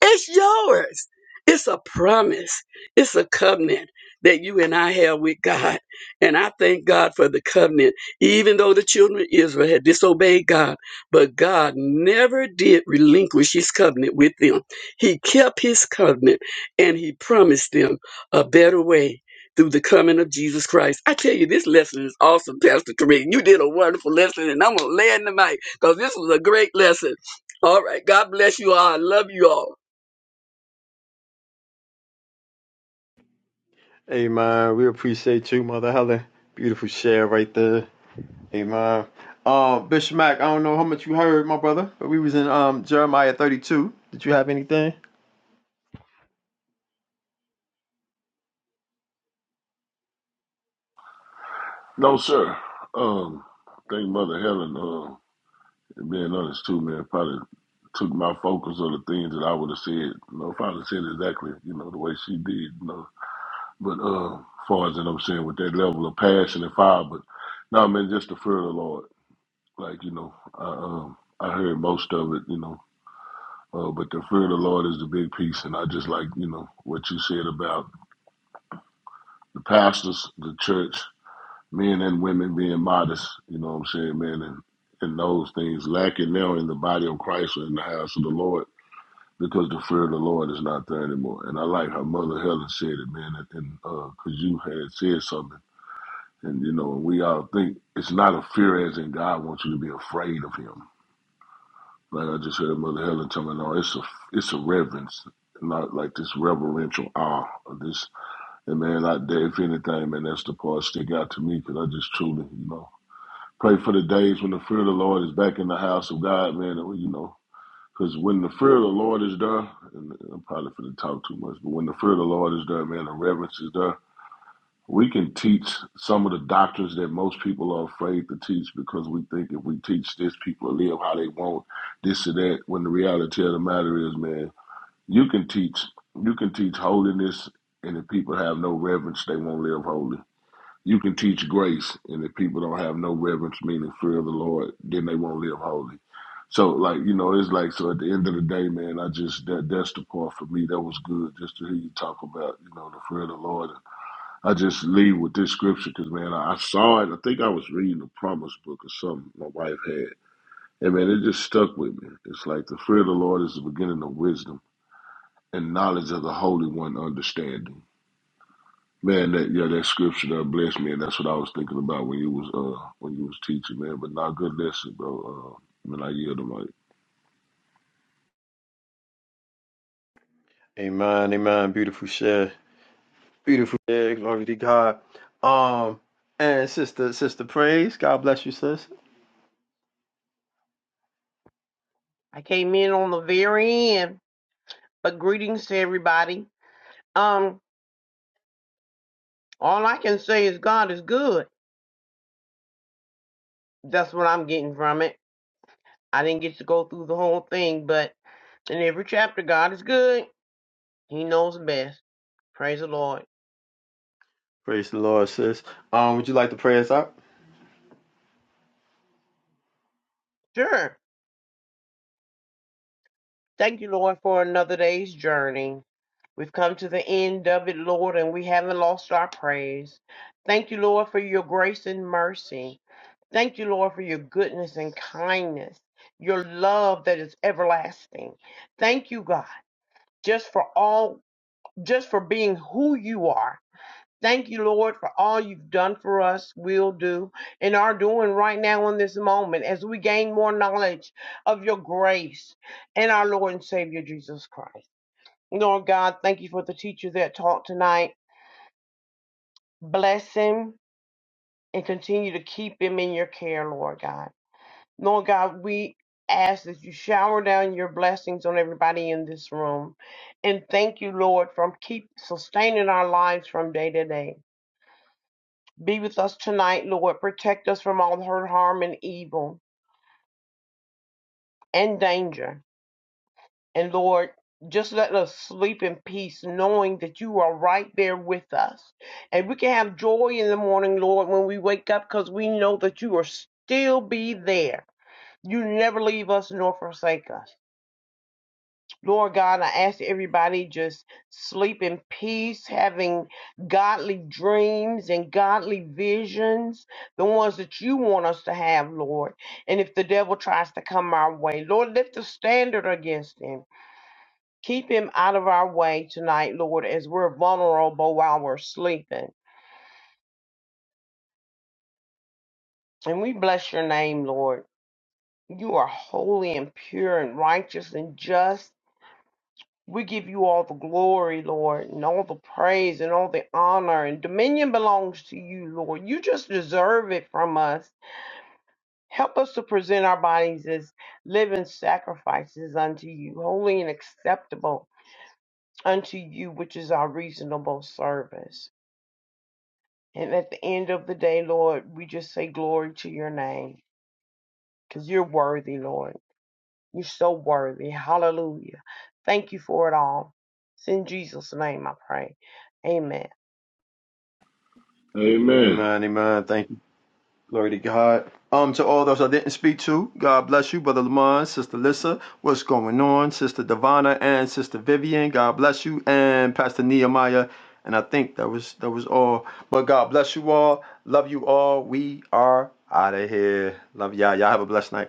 Speaker 4: It's yours. It's a promise. It's a covenant that you and I have with God. And I thank God for the covenant, even though the children of Israel had disobeyed God. But God never did relinquish his covenant with them. He kept his covenant and he promised them a better way through the coming of Jesus Christ. I tell you, this lesson is awesome, Pastor Kareem. You did a wonderful lesson, and I'm going to lay in the mic because this was a great lesson. All right. God bless you all. I love you all.
Speaker 3: Amen. We appreciate you, Mother Helen. Beautiful share right there. Amen. Uh, Bishop Mac. I don't know how much you heard, my brother, but we was in um Jeremiah 32. Did you have anything?
Speaker 5: No, sir. Um, I think Mother Helen, uh, and being honest too, man, probably took my focus on the things that I would have said. You know, if I would have said exactly, you know, the way she did, you know. But uh, as far as that I'm saying, with that level of passion and fire, but no, man, just the fear of the Lord. Like you know, I um, I heard most of it, you know. Uh, but the fear of the Lord is the big piece, and I just like you know what you said about the pastors, the church. men and women being modest, you know what I'm saying, man, and, and those things lacking now in the body of Christ or in the house of the Lord because the fear of the Lord is not there anymore. And I like how Mother Helen said it, man, and because uh 'cause you had said something, and you know, we all think it's not a fear as in God wants you to be afraid of Him. Like I just heard Mother Helen tell me, no, it's a it's a reverence, not like this reverential awe of this. And man, I, if anything, man, that's the part that stick out to me because I just truly, you know. Pray for the days when the fear of the Lord is back in the house of God, man. You know, because when the fear of the Lord is there, and I'm probably going to talk too much, but when the fear of the Lord is there, man, the reverence is there. We can teach some of the doctrines that most people are afraid to teach because we think if we teach this, people will live how they want, this and that. When the reality of the matter is, man, you can teach, you can teach holiness, and if people have no reverence, they won't live holy. You can teach grace, and if people don't have no reverence, meaning fear of the Lord, then they won't live holy. So, like you know, it's like so. At the end of the day, man, I just that that's the part for me that was good. Just to hear you talk about, you know, the fear of the Lord. I just leave with this scripture because, man, I, I saw it. I think I was reading the Promise Book or something my wife had, and man, it just stuck with me. It's like the fear of the Lord is the beginning of wisdom, and knowledge of the Holy One understanding. Man, that yeah, that scripture that blessed me, and that's what I was thinking about when you was uh when you was teaching, man. But not good lesson, bro. Uh, man, I yield the mic.
Speaker 3: Amen, amen. Beautiful share. Beautiful share. Glory to God. Um, and sister, sister praise. God bless you, sis.
Speaker 7: I came in on the very end, but greetings to everybody. Um, all I can say is God is good. That's what I'm getting from it. I didn't get to go through the whole thing, but in every chapter, God is good. He knows best. Praise the Lord.
Speaker 3: Praise the Lord, sis. Um, would you like to pray us out?
Speaker 7: Sure. Thank you, Lord, for another day's journey. We've come to the end of it, Lord, and we haven't lost our praise. Thank you, Lord, for your grace and mercy. Thank you, Lord, for your goodness and kindness, your love that is everlasting. Thank you, God, just for all, just for being who you are. Thank you, Lord, for all you've done for us, will do, and are doing right now in this moment as we gain more knowledge of your grace and our Lord and Savior Jesus Christ. Lord God, thank you for the teacher that taught tonight. Bless him and continue to keep him in your care, Lord God. Lord God, we ask that you shower down your blessings on everybody in this room. And thank you, Lord, from keep sustaining our lives from day to day. Be with us tonight, Lord. Protect us from all hurt, harm, and evil and danger. And Lord, just let us sleep in peace, knowing that you are right there with us. And we can have joy in the morning, Lord, when we wake up, because we know that you are still be there. You never leave us nor forsake us. Lord God, I ask everybody just sleep in peace, having godly dreams and godly visions, the ones that you want us to have, Lord. And if the devil tries to come our way, Lord, lift the standard against him. Keep him out of our way tonight, Lord, as we're vulnerable while we're sleeping. And we bless your name, Lord. You are holy and pure and righteous and just. We give you all the glory, Lord, and all the praise and all the honor and dominion belongs to you, Lord. You just deserve it from us. Help us to present our bodies as living sacrifices unto you, holy and acceptable unto you, which is our reasonable service. And at the end of the day, Lord, we just say glory to your name because you're worthy, Lord. You're so worthy. Hallelujah. Thank you for it all. It's in Jesus' name I pray. Amen.
Speaker 5: Amen.
Speaker 3: Amen, amen. Thank you. Glory to God. Um, to all those I didn't speak to, God bless you, Brother Lamont, Sister Lissa. What's going on, Sister Divana and Sister Vivian? God bless you, and Pastor Nehemiah. And I think that was that was all. But God bless you all. Love you all. We are out of here. Love y'all. Y'all have a blessed night.